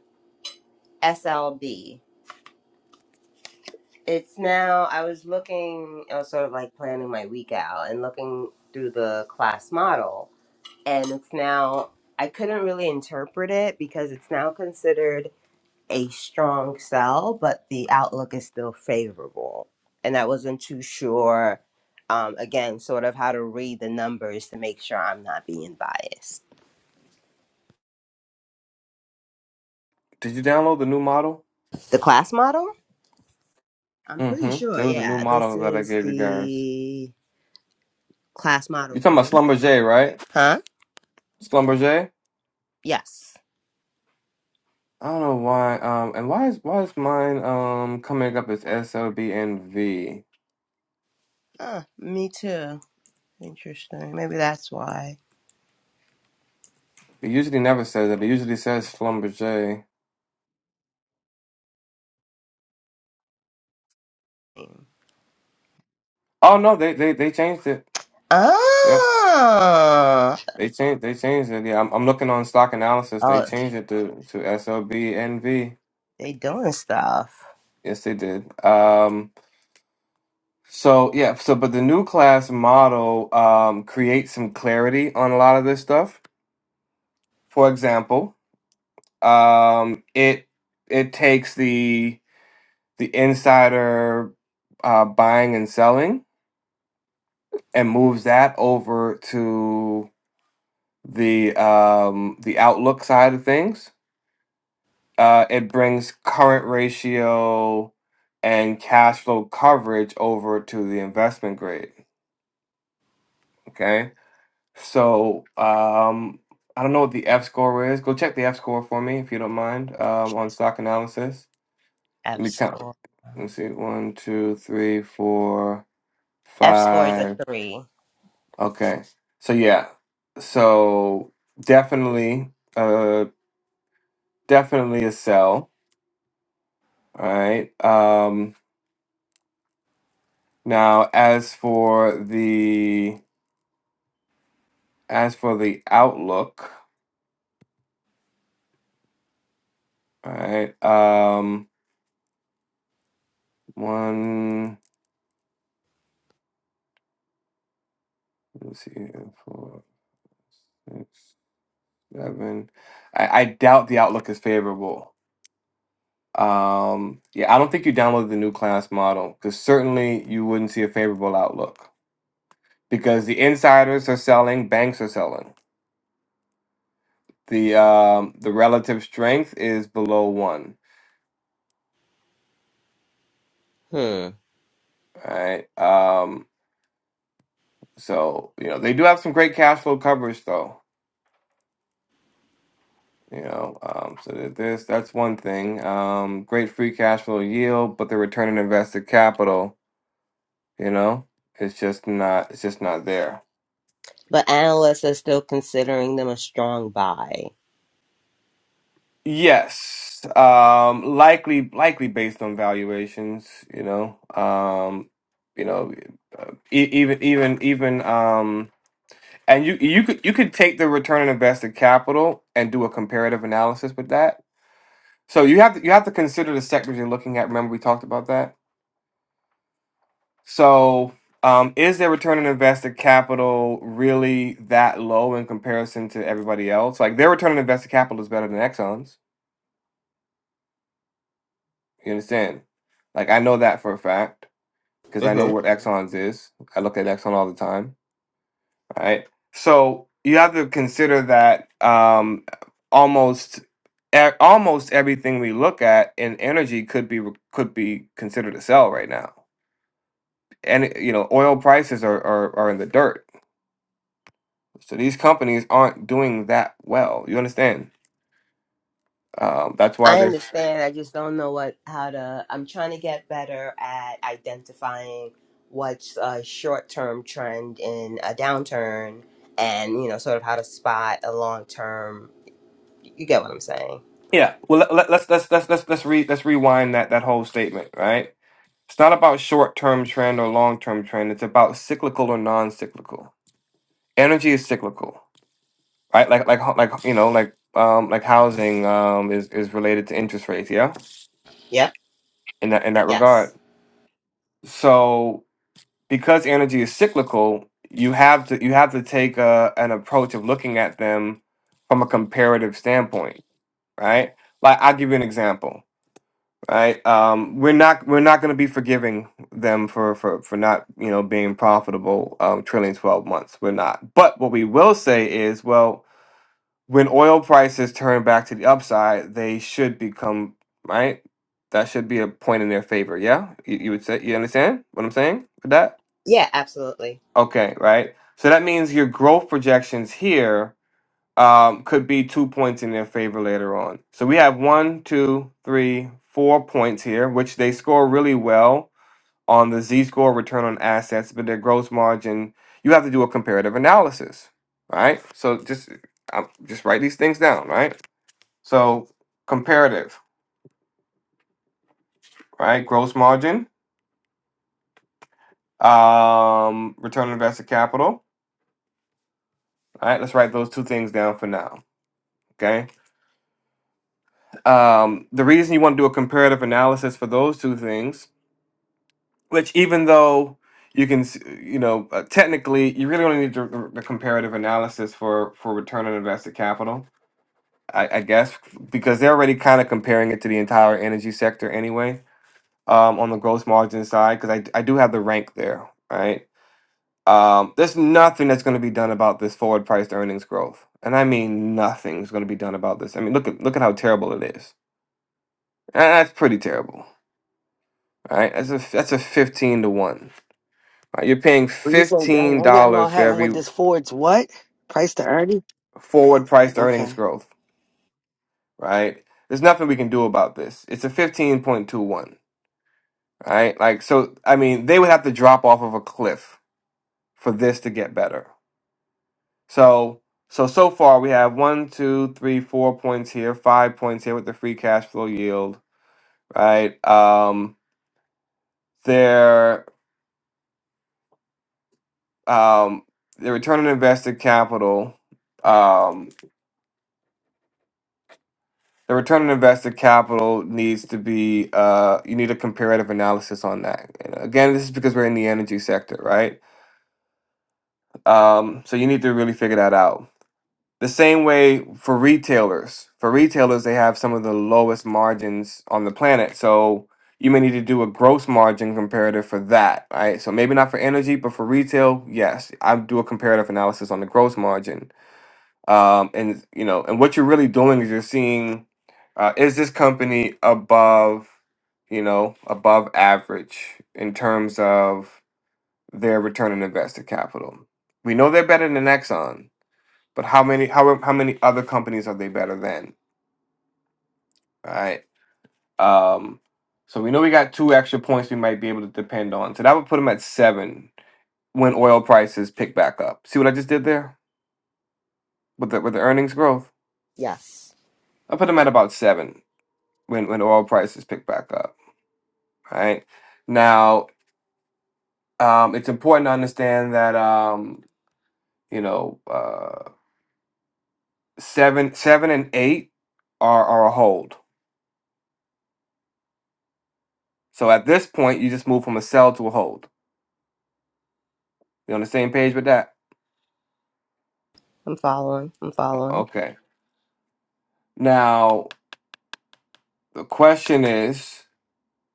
[SPEAKER 4] SLB. It's now, I was looking, I was sort of like planning my week out and looking through the class model. And it's now, I couldn't really interpret it because it's now considered a strong sell, but the outlook is still favorable. And I wasn't too sure, um, again, sort of how to read the numbers to make sure I'm not being biased.
[SPEAKER 1] did you download the new model?
[SPEAKER 4] The class model? I'm pretty
[SPEAKER 1] Mm-hmm.
[SPEAKER 4] sure.
[SPEAKER 1] There was a new
[SPEAKER 4] Yeah, this
[SPEAKER 1] model that I
[SPEAKER 4] is
[SPEAKER 1] gave you guys.
[SPEAKER 4] the class
[SPEAKER 1] You
[SPEAKER 4] model
[SPEAKER 1] talking about
[SPEAKER 4] three.
[SPEAKER 1] Slumber J, right?
[SPEAKER 4] Huh?
[SPEAKER 1] Slumber J?
[SPEAKER 4] Yes.
[SPEAKER 1] I don't know why. Um, and why is why is mine um coming up as SLBNV?
[SPEAKER 4] Huh. Me too. Interesting. Maybe that's why.
[SPEAKER 1] It usually never says it. It usually says Slumber J. Oh no, they they they changed it. Yeah,
[SPEAKER 4] Oh.
[SPEAKER 1] they changed they changed it. Yeah, I'm I'm looking on stock analysis. They
[SPEAKER 4] Oh,
[SPEAKER 1] changed it to to SLBNV.
[SPEAKER 4] they doing stuff.
[SPEAKER 1] Yes, they did. Um, so yeah, so but the new class model um creates some clarity on a lot of this stuff. For example. Um, it it takes the the insider uh, buying and selling and moves that over to the um, the outlook side of things. Uh, it brings current ratio and cash flow coverage over to the investment grade. Okay, so um, I don't know what the F score is. Go check the F score for me if you don't mind um, on stock analysis. let
[SPEAKER 4] F
[SPEAKER 1] me count.
[SPEAKER 4] score.
[SPEAKER 1] Let's see, one, two, three, four,
[SPEAKER 4] F score is a
[SPEAKER 1] five.
[SPEAKER 4] three.
[SPEAKER 1] Okay. So yeah. So definitely, uh, definitely a sell. All right. Um, now as for the as for the outlook, all right. Um, one. Let's see, here, four, six, seven. I, I doubt the outlook is favorable. Um, yeah, I don't think you downloaded the new class model because certainly you wouldn't see a favorable outlook because the insiders are selling, banks are selling. The um, the relative strength is below one,
[SPEAKER 4] Hmm.
[SPEAKER 1] right? Um, so you know they do have some great cash flow coverage though. You know, um, so that- this that's one thing. Um, great free cash flow yield, but the return on invested capital, you know, it's just not it's just not there.
[SPEAKER 4] But analysts are still considering them a strong buy.
[SPEAKER 1] Yes, um, likely, likely based on valuations. You know, um, you know, uh, e- even, even, even, um, and you, you could, you could take the return on invested capital and do a comparative analysis with that. So you have to, you have to consider the sectors you're looking at. Remember, we talked about that. So, um, is their return on invested capital really that low in comparison to everybody else? Like their return on invested capital is better than Exxon's. You understand? Like I know that for a fact because I know
[SPEAKER 4] Mm-hmm.
[SPEAKER 1] what exons is. I look at exon all the time. Right. So you have to consider that um, almost e- almost everything we look at in energy could be re- could be considered a sell right now. And you know, oil prices are, are, are in the dirt. So these companies aren't doing that well. You understand? Um, that's why
[SPEAKER 4] I
[SPEAKER 1] there's
[SPEAKER 4] understand. I just don't know what how to. I'm trying to get better at identifying what's a short-term trend in a downturn, and you know, sort of how to spot a long-term. You get what I'm saying?
[SPEAKER 1] yeah. Well, let, let, let's let's let's let's let's re let's rewind that that whole statement, right? It's not about short term trend or long term trend. It's about cyclical or non cyclical. Energy is cyclical, right? Like like ho- like you know like um like housing um is is related to interest rates. Yeah,
[SPEAKER 4] Yep.
[SPEAKER 1] in that in that regard.
[SPEAKER 4] Yes.
[SPEAKER 1] So because energy is cyclical, you have to you have to take a, an approach of looking at them from a comparative standpoint, right? Like I'll give you an example right? Um, we're not we're not going to be forgiving them for for for not you know being profitable um, trailing twelve months. We're not. But what we will say is, well, when oil prices turn back to the upside, they should become right. That should be a point in their favor. Yeah, you, you would say you understand what I'm saying with that?
[SPEAKER 4] Yeah. Absolutely.
[SPEAKER 1] Okay, right. So that means your growth projections here um, could be two points in their favor later on. So we have one, two, three, four points here, which they score really well on the Z score return on assets, but their gross margin, you have to do a comparative analysis, right? So just um, just write these things down, right? So comparative, right? Gross margin, um, return on invested capital. All right, let's write those two things down for now. Okay. Um, the reason you want to do a comparative analysis for those two things which even though you can s- you know uh, technically you really only need the, the comparative analysis for for return on invested capital i, I guess because they're already kind of comparing it to the entire energy sector anyway um, on the gross margin side because I, d- I do have the rank there right um, there's nothing that's going to be done about this forward priced earnings growth and i mean nothing's going to be done about this i mean look at look at how terrible it is and that's pretty terrible right that's a that's a 15 to 1 right? You're paying
[SPEAKER 3] When you say dang,
[SPEAKER 1] $15
[SPEAKER 3] ain't nothing gonna
[SPEAKER 1] for
[SPEAKER 3] happen with
[SPEAKER 1] every
[SPEAKER 3] this Ford's what? Price to earning?
[SPEAKER 1] forward priced earnings
[SPEAKER 3] Okay.
[SPEAKER 1] growth, right? There's nothing we can do about this. It's a 15.21, right? Like, so, I mean, they would have to drop off of a cliff for this to get better. So, so, so far we have one, two, three, four points here, five points here with the free cash flow yield, right? Um, their, um, their return on invested capital, um. The return on invested capital needs to be, uh, you need a comparative analysis on that. And again, this is because we're in the energy sector, right? Um, so you need to really figure that out. The same way for retailers. For retailers, they have some of the lowest margins on the planet. So you may need to do a gross margin comparative for that, right? So maybe not for energy, but for retail, yes, I do a comparative analysis on the gross margin um, and you know, and what you're really doing is you're seeing uh, is this company above, you know, above average in terms of their return on invested capital. We know they're better than Exxon, but how many how how many other companies are they better than? Right. Um, so we know we got two extra points we might be able to depend on. So that would put them at seven when oil prices pick back up. See what I just did there with the with the earnings growth?
[SPEAKER 4] Yes.
[SPEAKER 1] I put them at about seven when when oil prices pick back up, right? Now, um, it's important to understand that um, you know uh, seven seven and eight are are a hold. So at this point, you just move from a sell to a hold. You on the same page with that?
[SPEAKER 4] I'm following. I'm following.
[SPEAKER 1] Okay. Now the question is,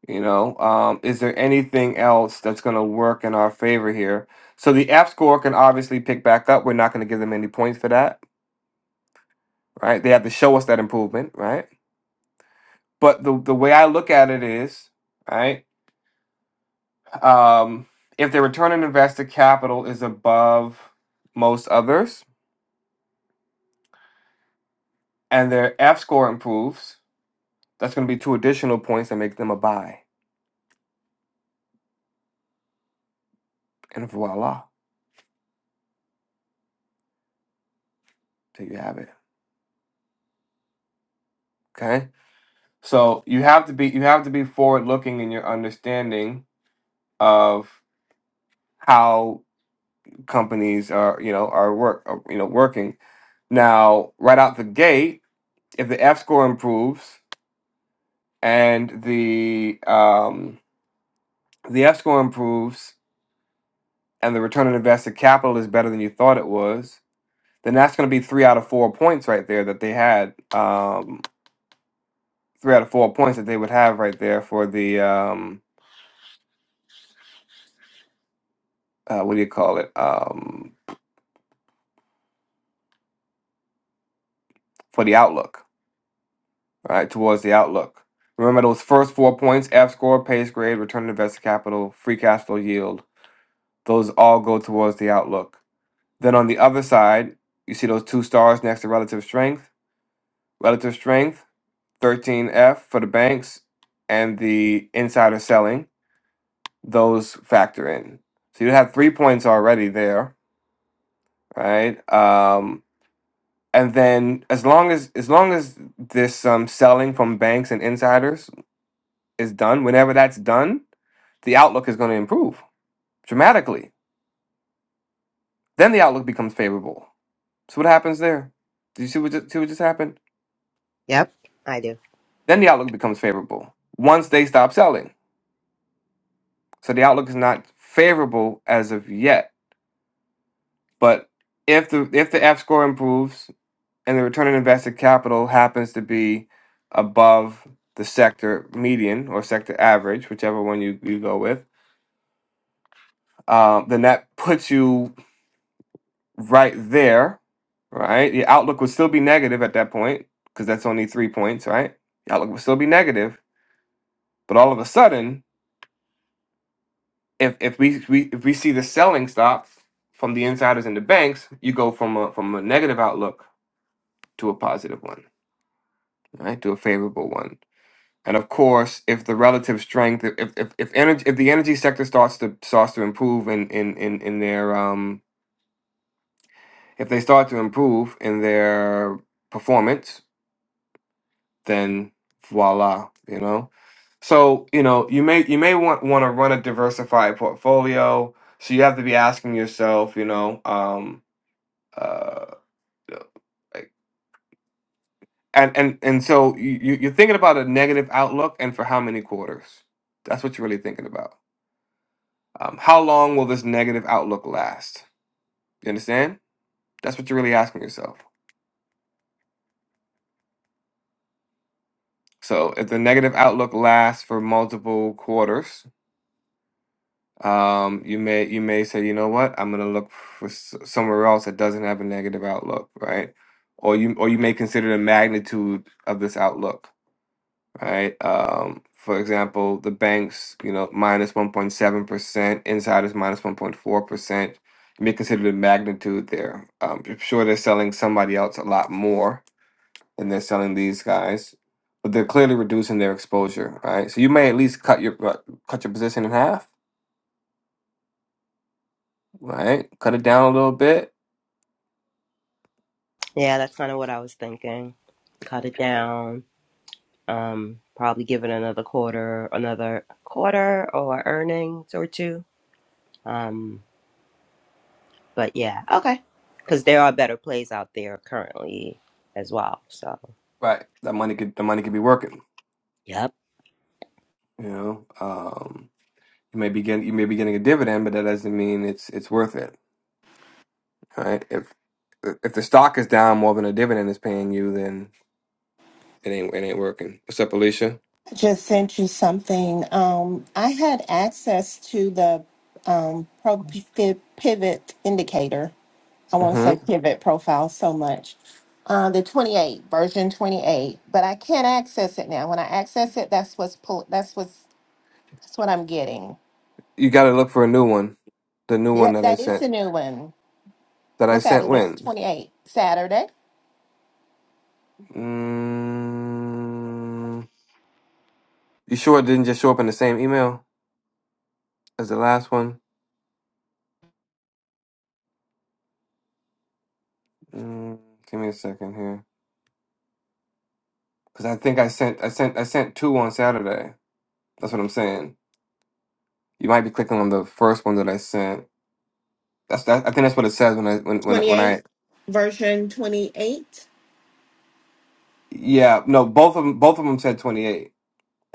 [SPEAKER 1] you know, um, is there anything else that's going to work in our favor here? So the F score can obviously pick back up. We're not going to give them any points for that, right? They have to show us that improvement, right? But the the way I look at it is, right? Um, if the return on invested capital is above most others, and their F score improves, that's going to be two additional points that make them a buy, and voila, there you have it. Okay, so you have to be you have to be forward looking in your understanding of how companies are you know are work are, you know working now right out the gate. If the F score improves and the um, the escrow improves and the return on invested capital is better than you thought it was, then that's going to be three out of four points right there that they had. Um, three out of four points that they would have right there for the um, uh, what do you call it? Um, for the outlook, right? Towards the outlook. Remember those first four points: F score, pace grade, return on invested capital, free cash flow yield. Those all go towards the outlook. Then on the other side, you see those two stars next to relative strength. Relative strength 13F for the banks and the insider selling, those factor in. So you have three points already there, right? Um, and then as long as as long as this um, selling from banks and insiders is done, whenever that's done, the outlook is going to improve dramatically. Then the outlook becomes favorable. So what happens there? Do you see what just, see what just happened?
[SPEAKER 4] Yep. I do.
[SPEAKER 1] Then the outlook becomes favorable once they stop selling. So the outlook is not favorable as of yet But if the if the F score improves and the return on invested capital happens to be above the sector median or sector average, whichever one you, you go with, um, then that puts you right there, right? The outlook would still be negative at that point because that's only three points, right? The outlook would still be negative, but all of a sudden, if if we, we if we see the selling stop from the insiders and the banks, you go from a from a negative outlook to a positive one, right? To a favorable one And of course, if the relative strength, if if if energy, if the energy sector starts to starts to improve in in in in their um, if they start to improve in their performance, then voila, you know. So you know you may you may want want to run a diversified portfolio. So you have to be asking yourself, you know, um, uh, like- and and and so you you- you're thinking about a negative outlook, and for how many quarters? That's what you're really thinking about. Um, how long will this negative outlook last? You understand? That's what you're really asking yourself. So if the negative outlook lasts for multiple quarters, um, you may you may say, you know what, I'm gonna look for s- somewhere else that doesn't have a negative outlook, right? Or you or you may consider the magnitude of this outlook right? Um, for example, the banks, you know, 1.7%, insiders 1.4%. You may consider the magnitude there. Um, I'm sure they're selling somebody else a lot more than they're selling these guys, but they're clearly reducing their exposure, right? So you may at least cut your uh, cut your position in half, right? Cut it down a little bit,
[SPEAKER 4] Yeah, that's kind of what I was thinking. Cut it down. Um, probably give it another quarter, another quarter or earnings or two. Um, But yeah, okay. Because there are better plays out there currently as well. So,
[SPEAKER 1] right? That money could the money could be working,
[SPEAKER 4] yep.
[SPEAKER 1] you know. Um, you may be getting you may be getting a dividend, but that doesn't mean it's it's worth it right? If if the stock is down more than a dividend is paying you, then it ain't it ain't working. What's up, Alicia?
[SPEAKER 6] I just sent you something. Um, I had access to the um, pro pivot indicator. I want to
[SPEAKER 1] hmm
[SPEAKER 6] say pivot profile so much. Uh, the 28 version 28, but I can't access it now. When I access it, that's what's pull. That's what's that's what I'm getting.
[SPEAKER 1] You got to look for a new one. The new one
[SPEAKER 6] That
[SPEAKER 1] that I
[SPEAKER 6] that is
[SPEAKER 1] sent.
[SPEAKER 6] the new one.
[SPEAKER 1] That I
[SPEAKER 6] Look at
[SPEAKER 1] sent
[SPEAKER 6] it. It's
[SPEAKER 1] when?
[SPEAKER 6] 28 Saturday.
[SPEAKER 1] Mm, you sure it didn't just show up in the same email as the last one? Mm, give me a second here, because I think I sent I sent I sent two on Saturday. That's what I'm saying. You might be clicking on the first one that I sent. That's that, I think that's what it says when I when when, when I
[SPEAKER 6] 28 version 28.
[SPEAKER 1] yeah no both of them both of them said 28.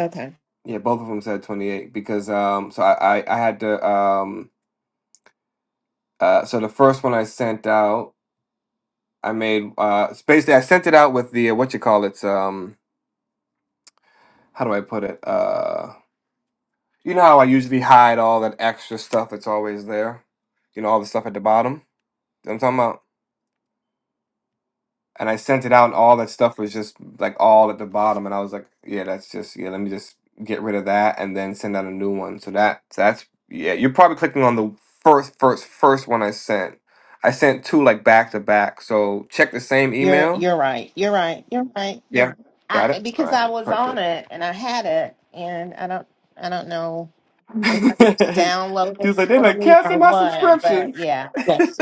[SPEAKER 6] Okay,
[SPEAKER 1] Yeah, both of them said 28 because um so I I, I had to um uh so the first one I sent out I made uh it's basically I sent it out with the uh, what you call it's um how do I put it uh you know how I usually hide all that extra stuff that's always there you know all the stuff at the bottom You know what I'm talking about and I sent it out, and all that stuff was just like all at the bottom, and I was like, yeah, that's just yeah, let me just get rid of that, and then send out a new one. So that so that's yeah, you're probably clicking on the first first first one I sent. I sent two like back to back. So check the same
[SPEAKER 6] you're
[SPEAKER 1] email.
[SPEAKER 6] you're right. You're right. You're right. You're
[SPEAKER 1] Yeah, got
[SPEAKER 6] I
[SPEAKER 1] it. All
[SPEAKER 6] because
[SPEAKER 1] right,
[SPEAKER 6] I was on
[SPEAKER 1] perfect.
[SPEAKER 6] it and I had it and I don't I don't know if it's
[SPEAKER 1] [laughs] she
[SPEAKER 6] downloaded
[SPEAKER 1] was like, they like
[SPEAKER 6] totally
[SPEAKER 1] cancel
[SPEAKER 6] or
[SPEAKER 1] my
[SPEAKER 6] what,
[SPEAKER 1] subscription.
[SPEAKER 6] but yeah. Yes.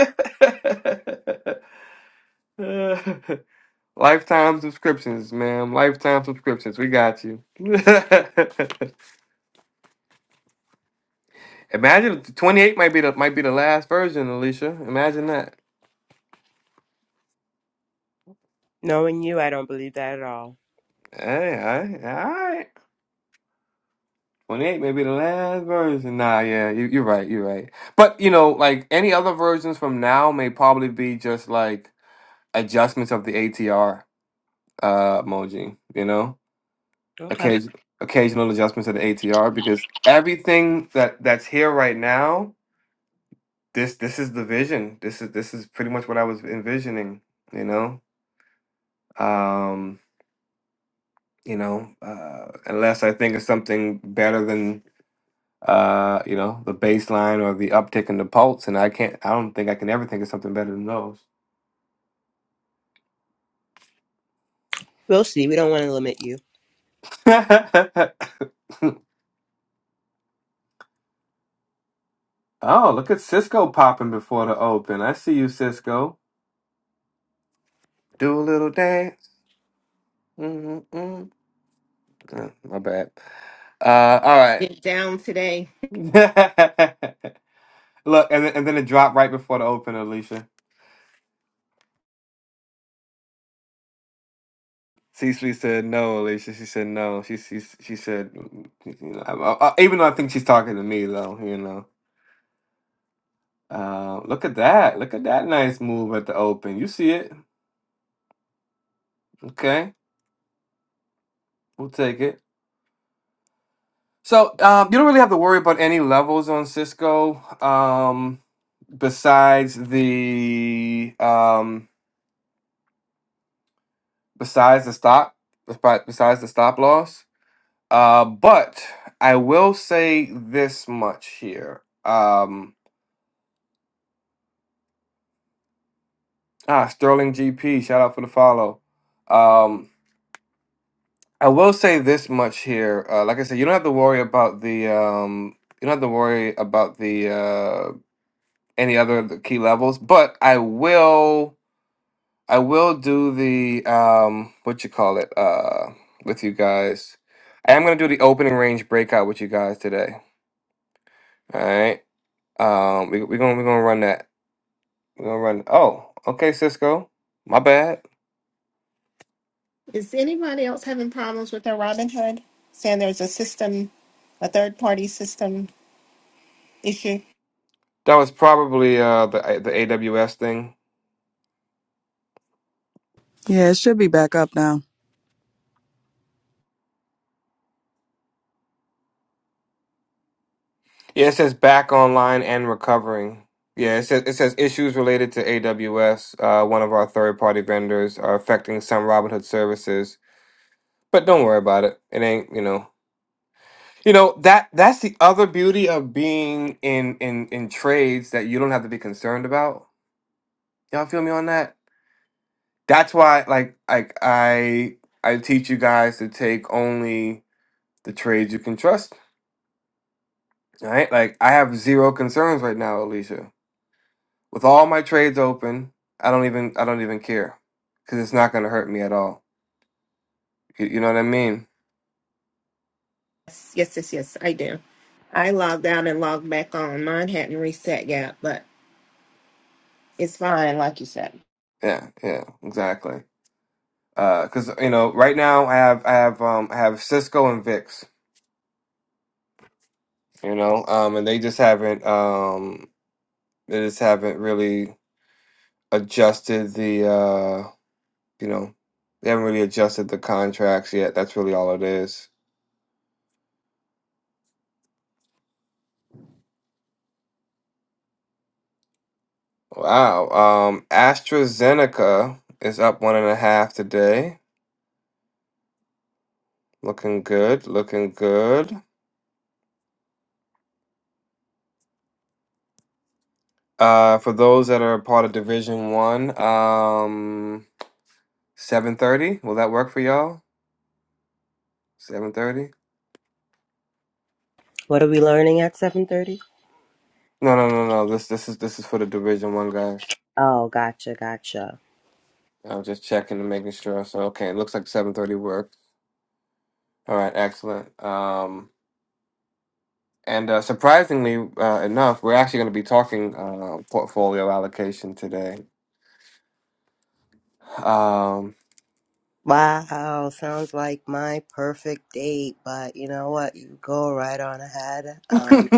[SPEAKER 1] [laughs] Lifetime subscriptions, ma'am. Lifetime subscriptions. We got you. [laughs] Imagine twenty eight might be the might be the last version, Alicia. Imagine that.
[SPEAKER 4] Knowing you, I don't believe that at all.
[SPEAKER 1] Hey, all right, all right. Twenty eight may be the last version. Nah, yeah, you, you're right, you're right. But you know, like any other versions from now may probably be just like adjustments of the ATR uh emoji. You know,
[SPEAKER 4] Okay.
[SPEAKER 1] occasion occasional adjustments of the ATR because everything that that's here right now. This this is the vision. This is this is pretty much what I was envisioning. You know. Um you know, uh, unless I think it's something better than uh, you know, the baseline or the uptick in the pulse, and I can't I don't think I can ever think of something better than those.
[SPEAKER 4] We'll see. We don't want to limit you.
[SPEAKER 1] [laughs] oh, look at Cisco popping before the open. I see you, Cisco. Do a little dance. Mm-mm. Uh, my bad. Uh, all right.
[SPEAKER 6] It's down today.
[SPEAKER 1] [laughs] look, and then, and then it dropped right before the open, Alicia. C said no, Alicia. She said no. She she she said, you know, I, I, even though I think she's talking to me though, you know. Uh, look at that! Look at that nice move at the open. You see it? Okay, we'll take it. So um, you don't really have to worry about any levels on Cisco, um, besides the um, besides the stop, besi- besides the stop loss. Uh, but I will say this much here. Um, Ah, Sterling GP, shout out for the follow. Um, I will say this much here. Uh, like I said, you don't have to worry about the um, you don't have to worry about the uh, any other of the key levels. But I will, I will do the um, what you call it uh, with you guys. I am gonna do the opening range breakout with you guys today. All right. Um, we we gonna we gonna run that. We are gonna run. Oh, okay, Cisco. My bad.
[SPEAKER 6] Is anybody else having problems with their Robinhood? Saying there's a system, a third party system issue?
[SPEAKER 1] That was probably uh the the AWS thing.
[SPEAKER 5] God
[SPEAKER 1] Yeah, it says back online and recovering. Yeah, it says it says issues related to AWS, uh, one of our third party vendors, are affecting some Robinhood services. But don't worry about it. It ain't you know. You know that that's the other beauty of being in in in trades that you don't have to be concerned about. Y'all feel me on that? That's why like like I I teach you guys to take only the trades you can trust Right? Like I have zero concerns right now, Alicia. With all my trades open, I don't even I don't even care because it's not going to hurt me at all. You, you know what I mean?
[SPEAKER 6] Yes, yes, yes, yes, I do. I logged out and logged back on. Mine hadn't reset yet, but it's fine, like you said.
[SPEAKER 1] Yeah, yeah, exactly. Because you know, right now I have I have um I have Cisco and Vix. You know, um, and they just haven't um they just haven't really adjusted the uh you know they haven't really adjusted the contracts yet. That's really all it is. Wow. Um, AstraZeneca is up one and a half today. Looking good. Looking good. Uh, for those that are a part of Division One, um, seven thirty. Will that work for y'all? Seven thirty?
[SPEAKER 4] What are we learning at 7.30?
[SPEAKER 1] No, no, no, no. This, this is this is for the Division One guys.
[SPEAKER 4] Oh, gotcha, gotcha.
[SPEAKER 1] I'm just checking and making sure. So, okay, it looks like seven thirty worked. All right, excellent. Um, and uh, surprisingly uh, enough, we're actually going to be talking uh, portfolio allocation today. Um,
[SPEAKER 4] Wow, sounds like my perfect date, but you know what? You go right on ahead.
[SPEAKER 1] [laughs]
[SPEAKER 4] Um,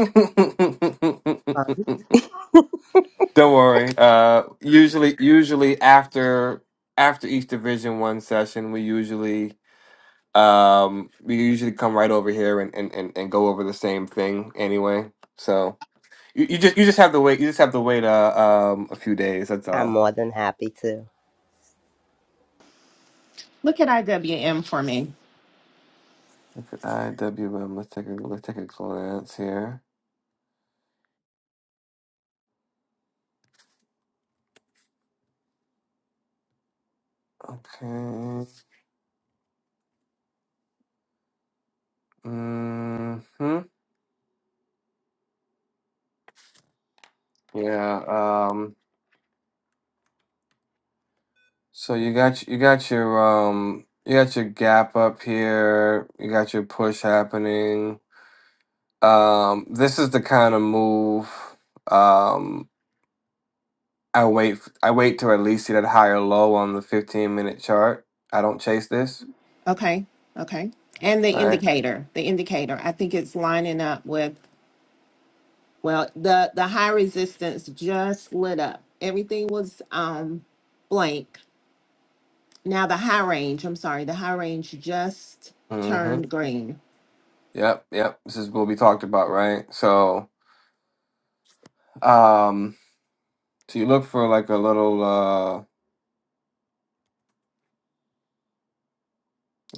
[SPEAKER 1] Don't worry. Uh, usually, usually after after each Division One session, we usually um we usually come right over here and and and, and go over the same thing anyway. So you, you just you just have to wait. You just have to wait uh, um a few days. That's
[SPEAKER 4] I'm
[SPEAKER 1] all.
[SPEAKER 4] more than happy to.
[SPEAKER 6] Look at IWM for me.
[SPEAKER 1] Look at IWM. Let's take a let's take a glance here. Okay. Mm-hmm. Yeah. um, So you got you got your um you got your gap up here. You got your push happening. Um, this is the kind of move. Um, I wait. f- I wait to at least see that higher low on the fifteen minute chart. I don't chase this.
[SPEAKER 6] Okay, okay. And the
[SPEAKER 1] Right.
[SPEAKER 6] indicator, the indicator, I think it's lining up with, well, the, the high resistance just lit up. Everything was um blank Now the high range, I'm sorry, the high range just
[SPEAKER 1] Mm-hmm.
[SPEAKER 6] turned green.
[SPEAKER 1] Yep. Yep. This is what we talked about. Right. So um, so you look for like a little uh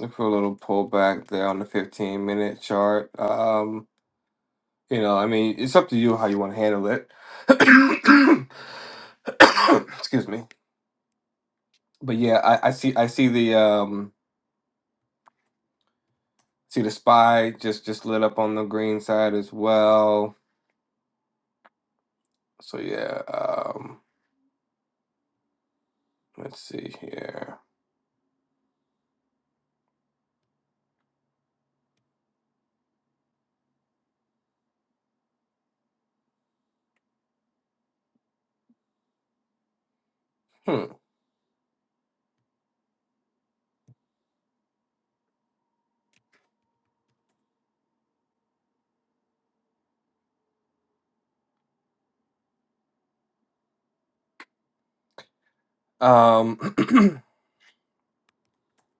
[SPEAKER 1] look for a little pullback there on the fifteen minute chart. Um You know, I mean, it's up to you how you want to handle it. [coughs] Excuse me. But yeah, I, I see I see the um see the spy just just lit up on the green side as well. So yeah, um let's see here. Hmm. Um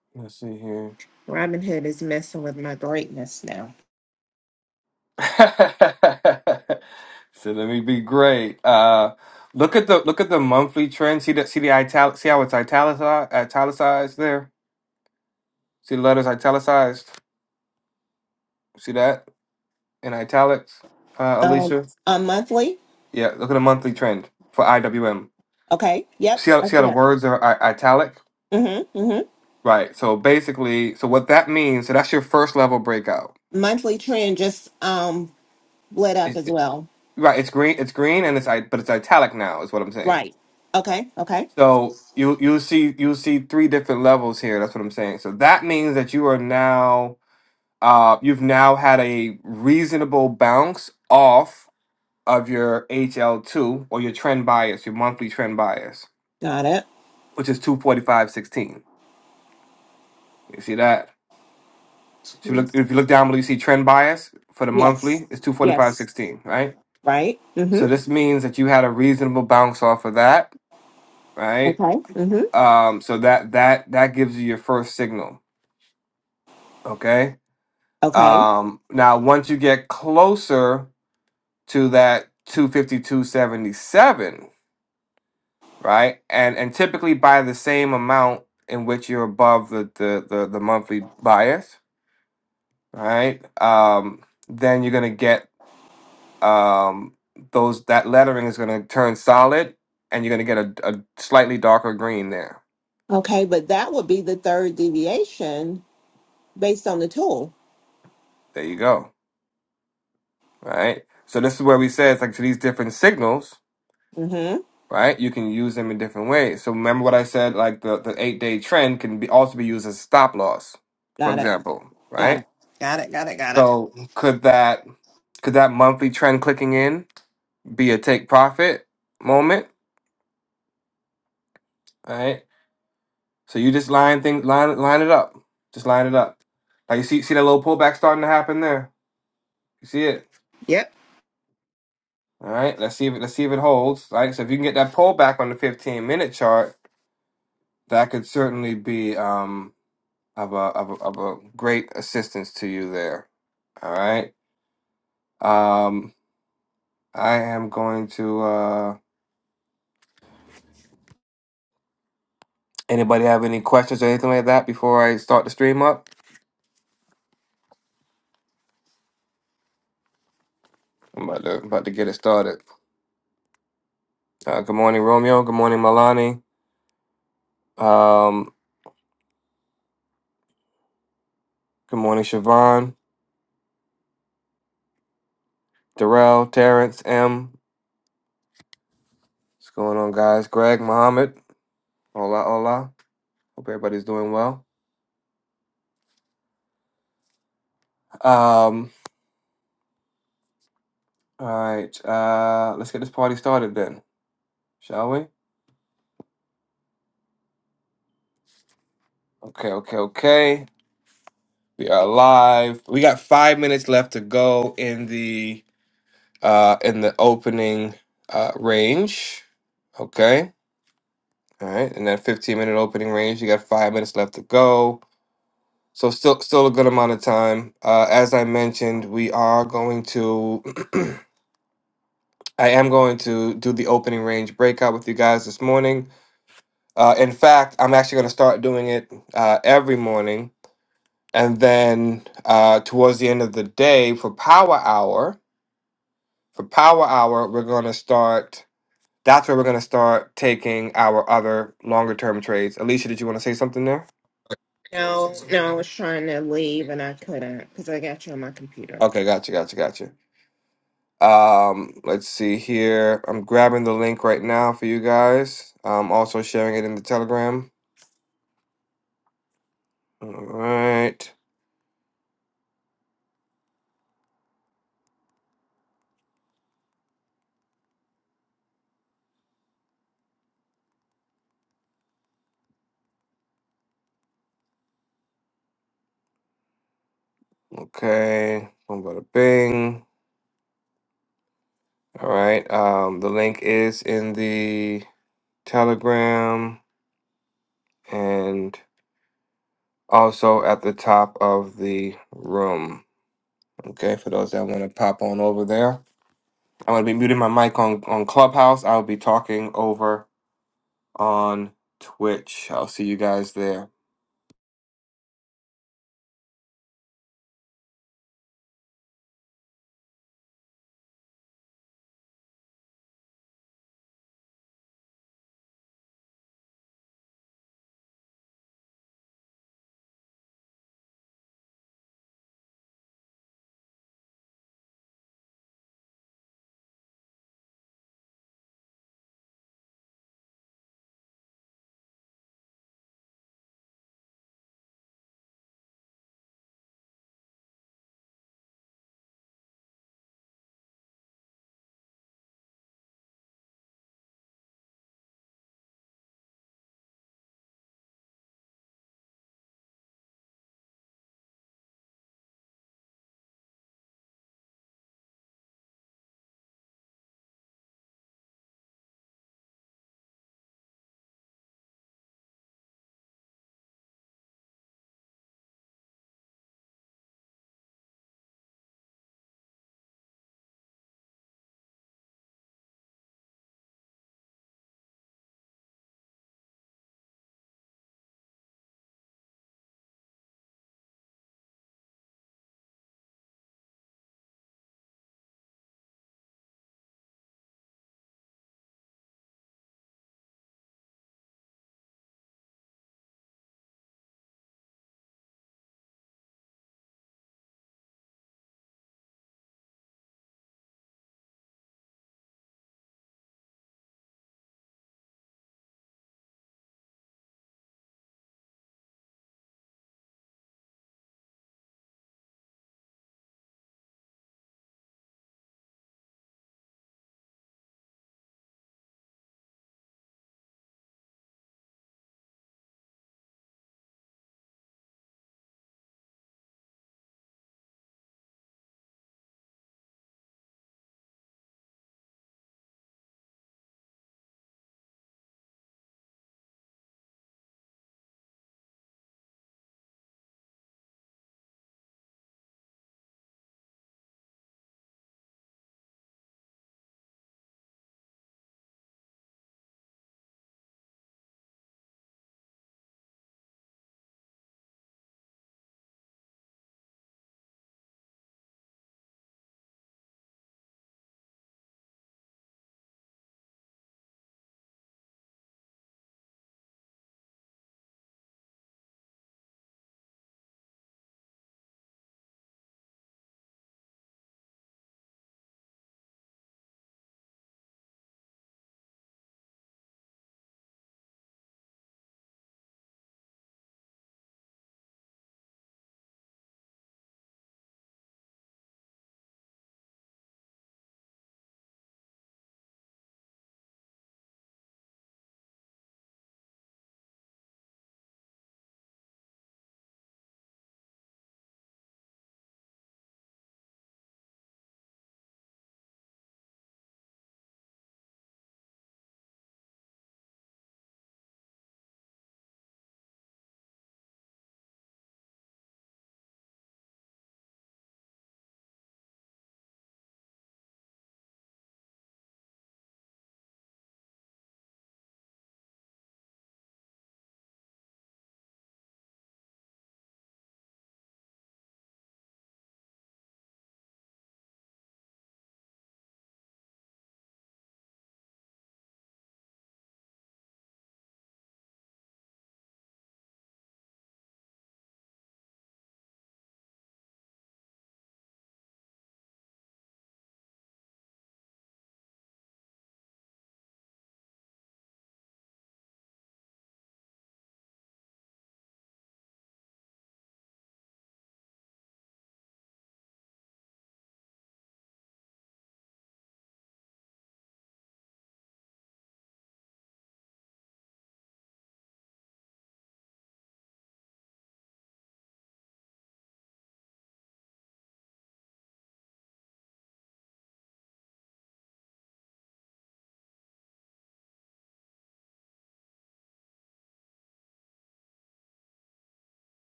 [SPEAKER 1] [coughs] [clears throat] let's see here.
[SPEAKER 6] Robin Hood is messing with my greatness now.
[SPEAKER 1] [laughs] so let me be great. Uh look at the look at the monthly trend. See that see the italic see how it's italicized italicized there? See the letters italicized? See that in italics, uh,
[SPEAKER 6] Um,
[SPEAKER 1] Alicia?
[SPEAKER 6] a monthly,
[SPEAKER 1] Yeah, look at the monthly trend for IWM.
[SPEAKER 6] okay, yep.
[SPEAKER 1] See how
[SPEAKER 6] I
[SPEAKER 1] see how
[SPEAKER 6] see
[SPEAKER 1] the
[SPEAKER 6] it.
[SPEAKER 1] words are I- italic,
[SPEAKER 6] Mm-hmm, mm-hmm.
[SPEAKER 1] right? So basically, so what that means, so that's your first level breakout.
[SPEAKER 6] Monthly trend just um lit up
[SPEAKER 1] It's
[SPEAKER 6] as
[SPEAKER 1] it,
[SPEAKER 6] well.
[SPEAKER 1] right. It's green. It's green, and it's i- but it's italic now. Is what I'm saying.
[SPEAKER 6] Right. Okay, okay.
[SPEAKER 1] So you you see you see three different levels here. That's what I'm saying. So that means that you are now uh you've now had a reasonable bounce off of your HL2 or your trend bias, your monthly trend bias.
[SPEAKER 6] Got it.
[SPEAKER 1] which is 245.16. You see that? So if you
[SPEAKER 6] Two.
[SPEAKER 1] look, if you look down below, you see trend bias for the
[SPEAKER 6] Yes,
[SPEAKER 1] monthly. It's
[SPEAKER 6] yes.
[SPEAKER 1] 245.16, right?
[SPEAKER 6] Right? Mm-hmm.
[SPEAKER 1] So this means that you had a reasonable bounce off of that, right?
[SPEAKER 6] Okay. Mm-hmm.
[SPEAKER 1] Um, so that that that gives you your first signal, okay?
[SPEAKER 6] Okay.
[SPEAKER 1] Um, now once you get closer to that 252.77, right? And and typically by the same amount in which you're above the the the, the monthly bias, Right, Um, then you're gonna get um, those that lettering is gonna turn solid, and you're gonna get a, a slightly darker green there.
[SPEAKER 6] Okay, but that would be the third deviation based on the tool.
[SPEAKER 1] There you go. Right. So this is where we said it's like to these different signals,
[SPEAKER 6] Mm-hmm.
[SPEAKER 1] right? You can use them in different ways. So remember what I said, like the, the eight day trend can be also be used as stop loss, for
[SPEAKER 6] Got it.
[SPEAKER 1] example,
[SPEAKER 6] Got
[SPEAKER 1] right?
[SPEAKER 6] it. Got it. Got it. Got it.
[SPEAKER 1] So could that could that monthly trend clicking in be a take profit moment, right? So you just line things, line line it up. Just line it up. Like you see, see that little pullback starting to happen there. You see it.
[SPEAKER 6] Yep.
[SPEAKER 1] All right. Let's see if it, let's see if it holds. All right. So if you can get that pullback on the 15 minute chart, that could certainly be um of a of a, of a great assistance to you there. All right. Um, I am going to. uh Anybody have any questions or anything like that before I start the stream up? I'm about to about to get it started. Uh, good morning, Romeo. Good morning, Milani. Um, Good morning, Siobhan, Darrell, Terrence, M. What's going on, guys? Greg, Mohammed. Hola, hola. Hope everybody's doing well. Um, all right, uh, let's get this party started then, shall we? Okay, okay, okay. We are live. We got five minutes left to go in the uh in the opening uh range. Okay. All right, in that 15 minute opening range, you got five minutes left to go. So still still a good amount of time. Uh, as I mentioned, we are going to [clears throat] I am going to do the opening range breakout with you guys this morning. Uh, in fact, I'm actually going to start doing it uh, every morning, and then uh, towards the end of the day for Power Hour, for Power Hour, we're going to start. That's where we're going to start taking our other longer term trades. Alicia, did you want to say something there?
[SPEAKER 6] No, no, I was trying to leave and I couldn't because I got you on my computer.
[SPEAKER 1] Okay, gotcha, gotcha, gotcha. Um, let's see here. I'm grabbing the link right now for you guys. I'm also sharing it in the Telegram. All right. Okay. Boom, bada bing. All right. Um, the link is in the Telegram and also at the top of the room. Okay, for those that want to pop on over there. I'm gonna be muting my mic on, on Clubhouse. I'll be talking over on Twitch. I'll see you guys there.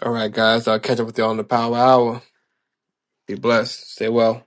[SPEAKER 1] All right, guys. I'll catch up with you all on the power hour. Be blessed. Stay well.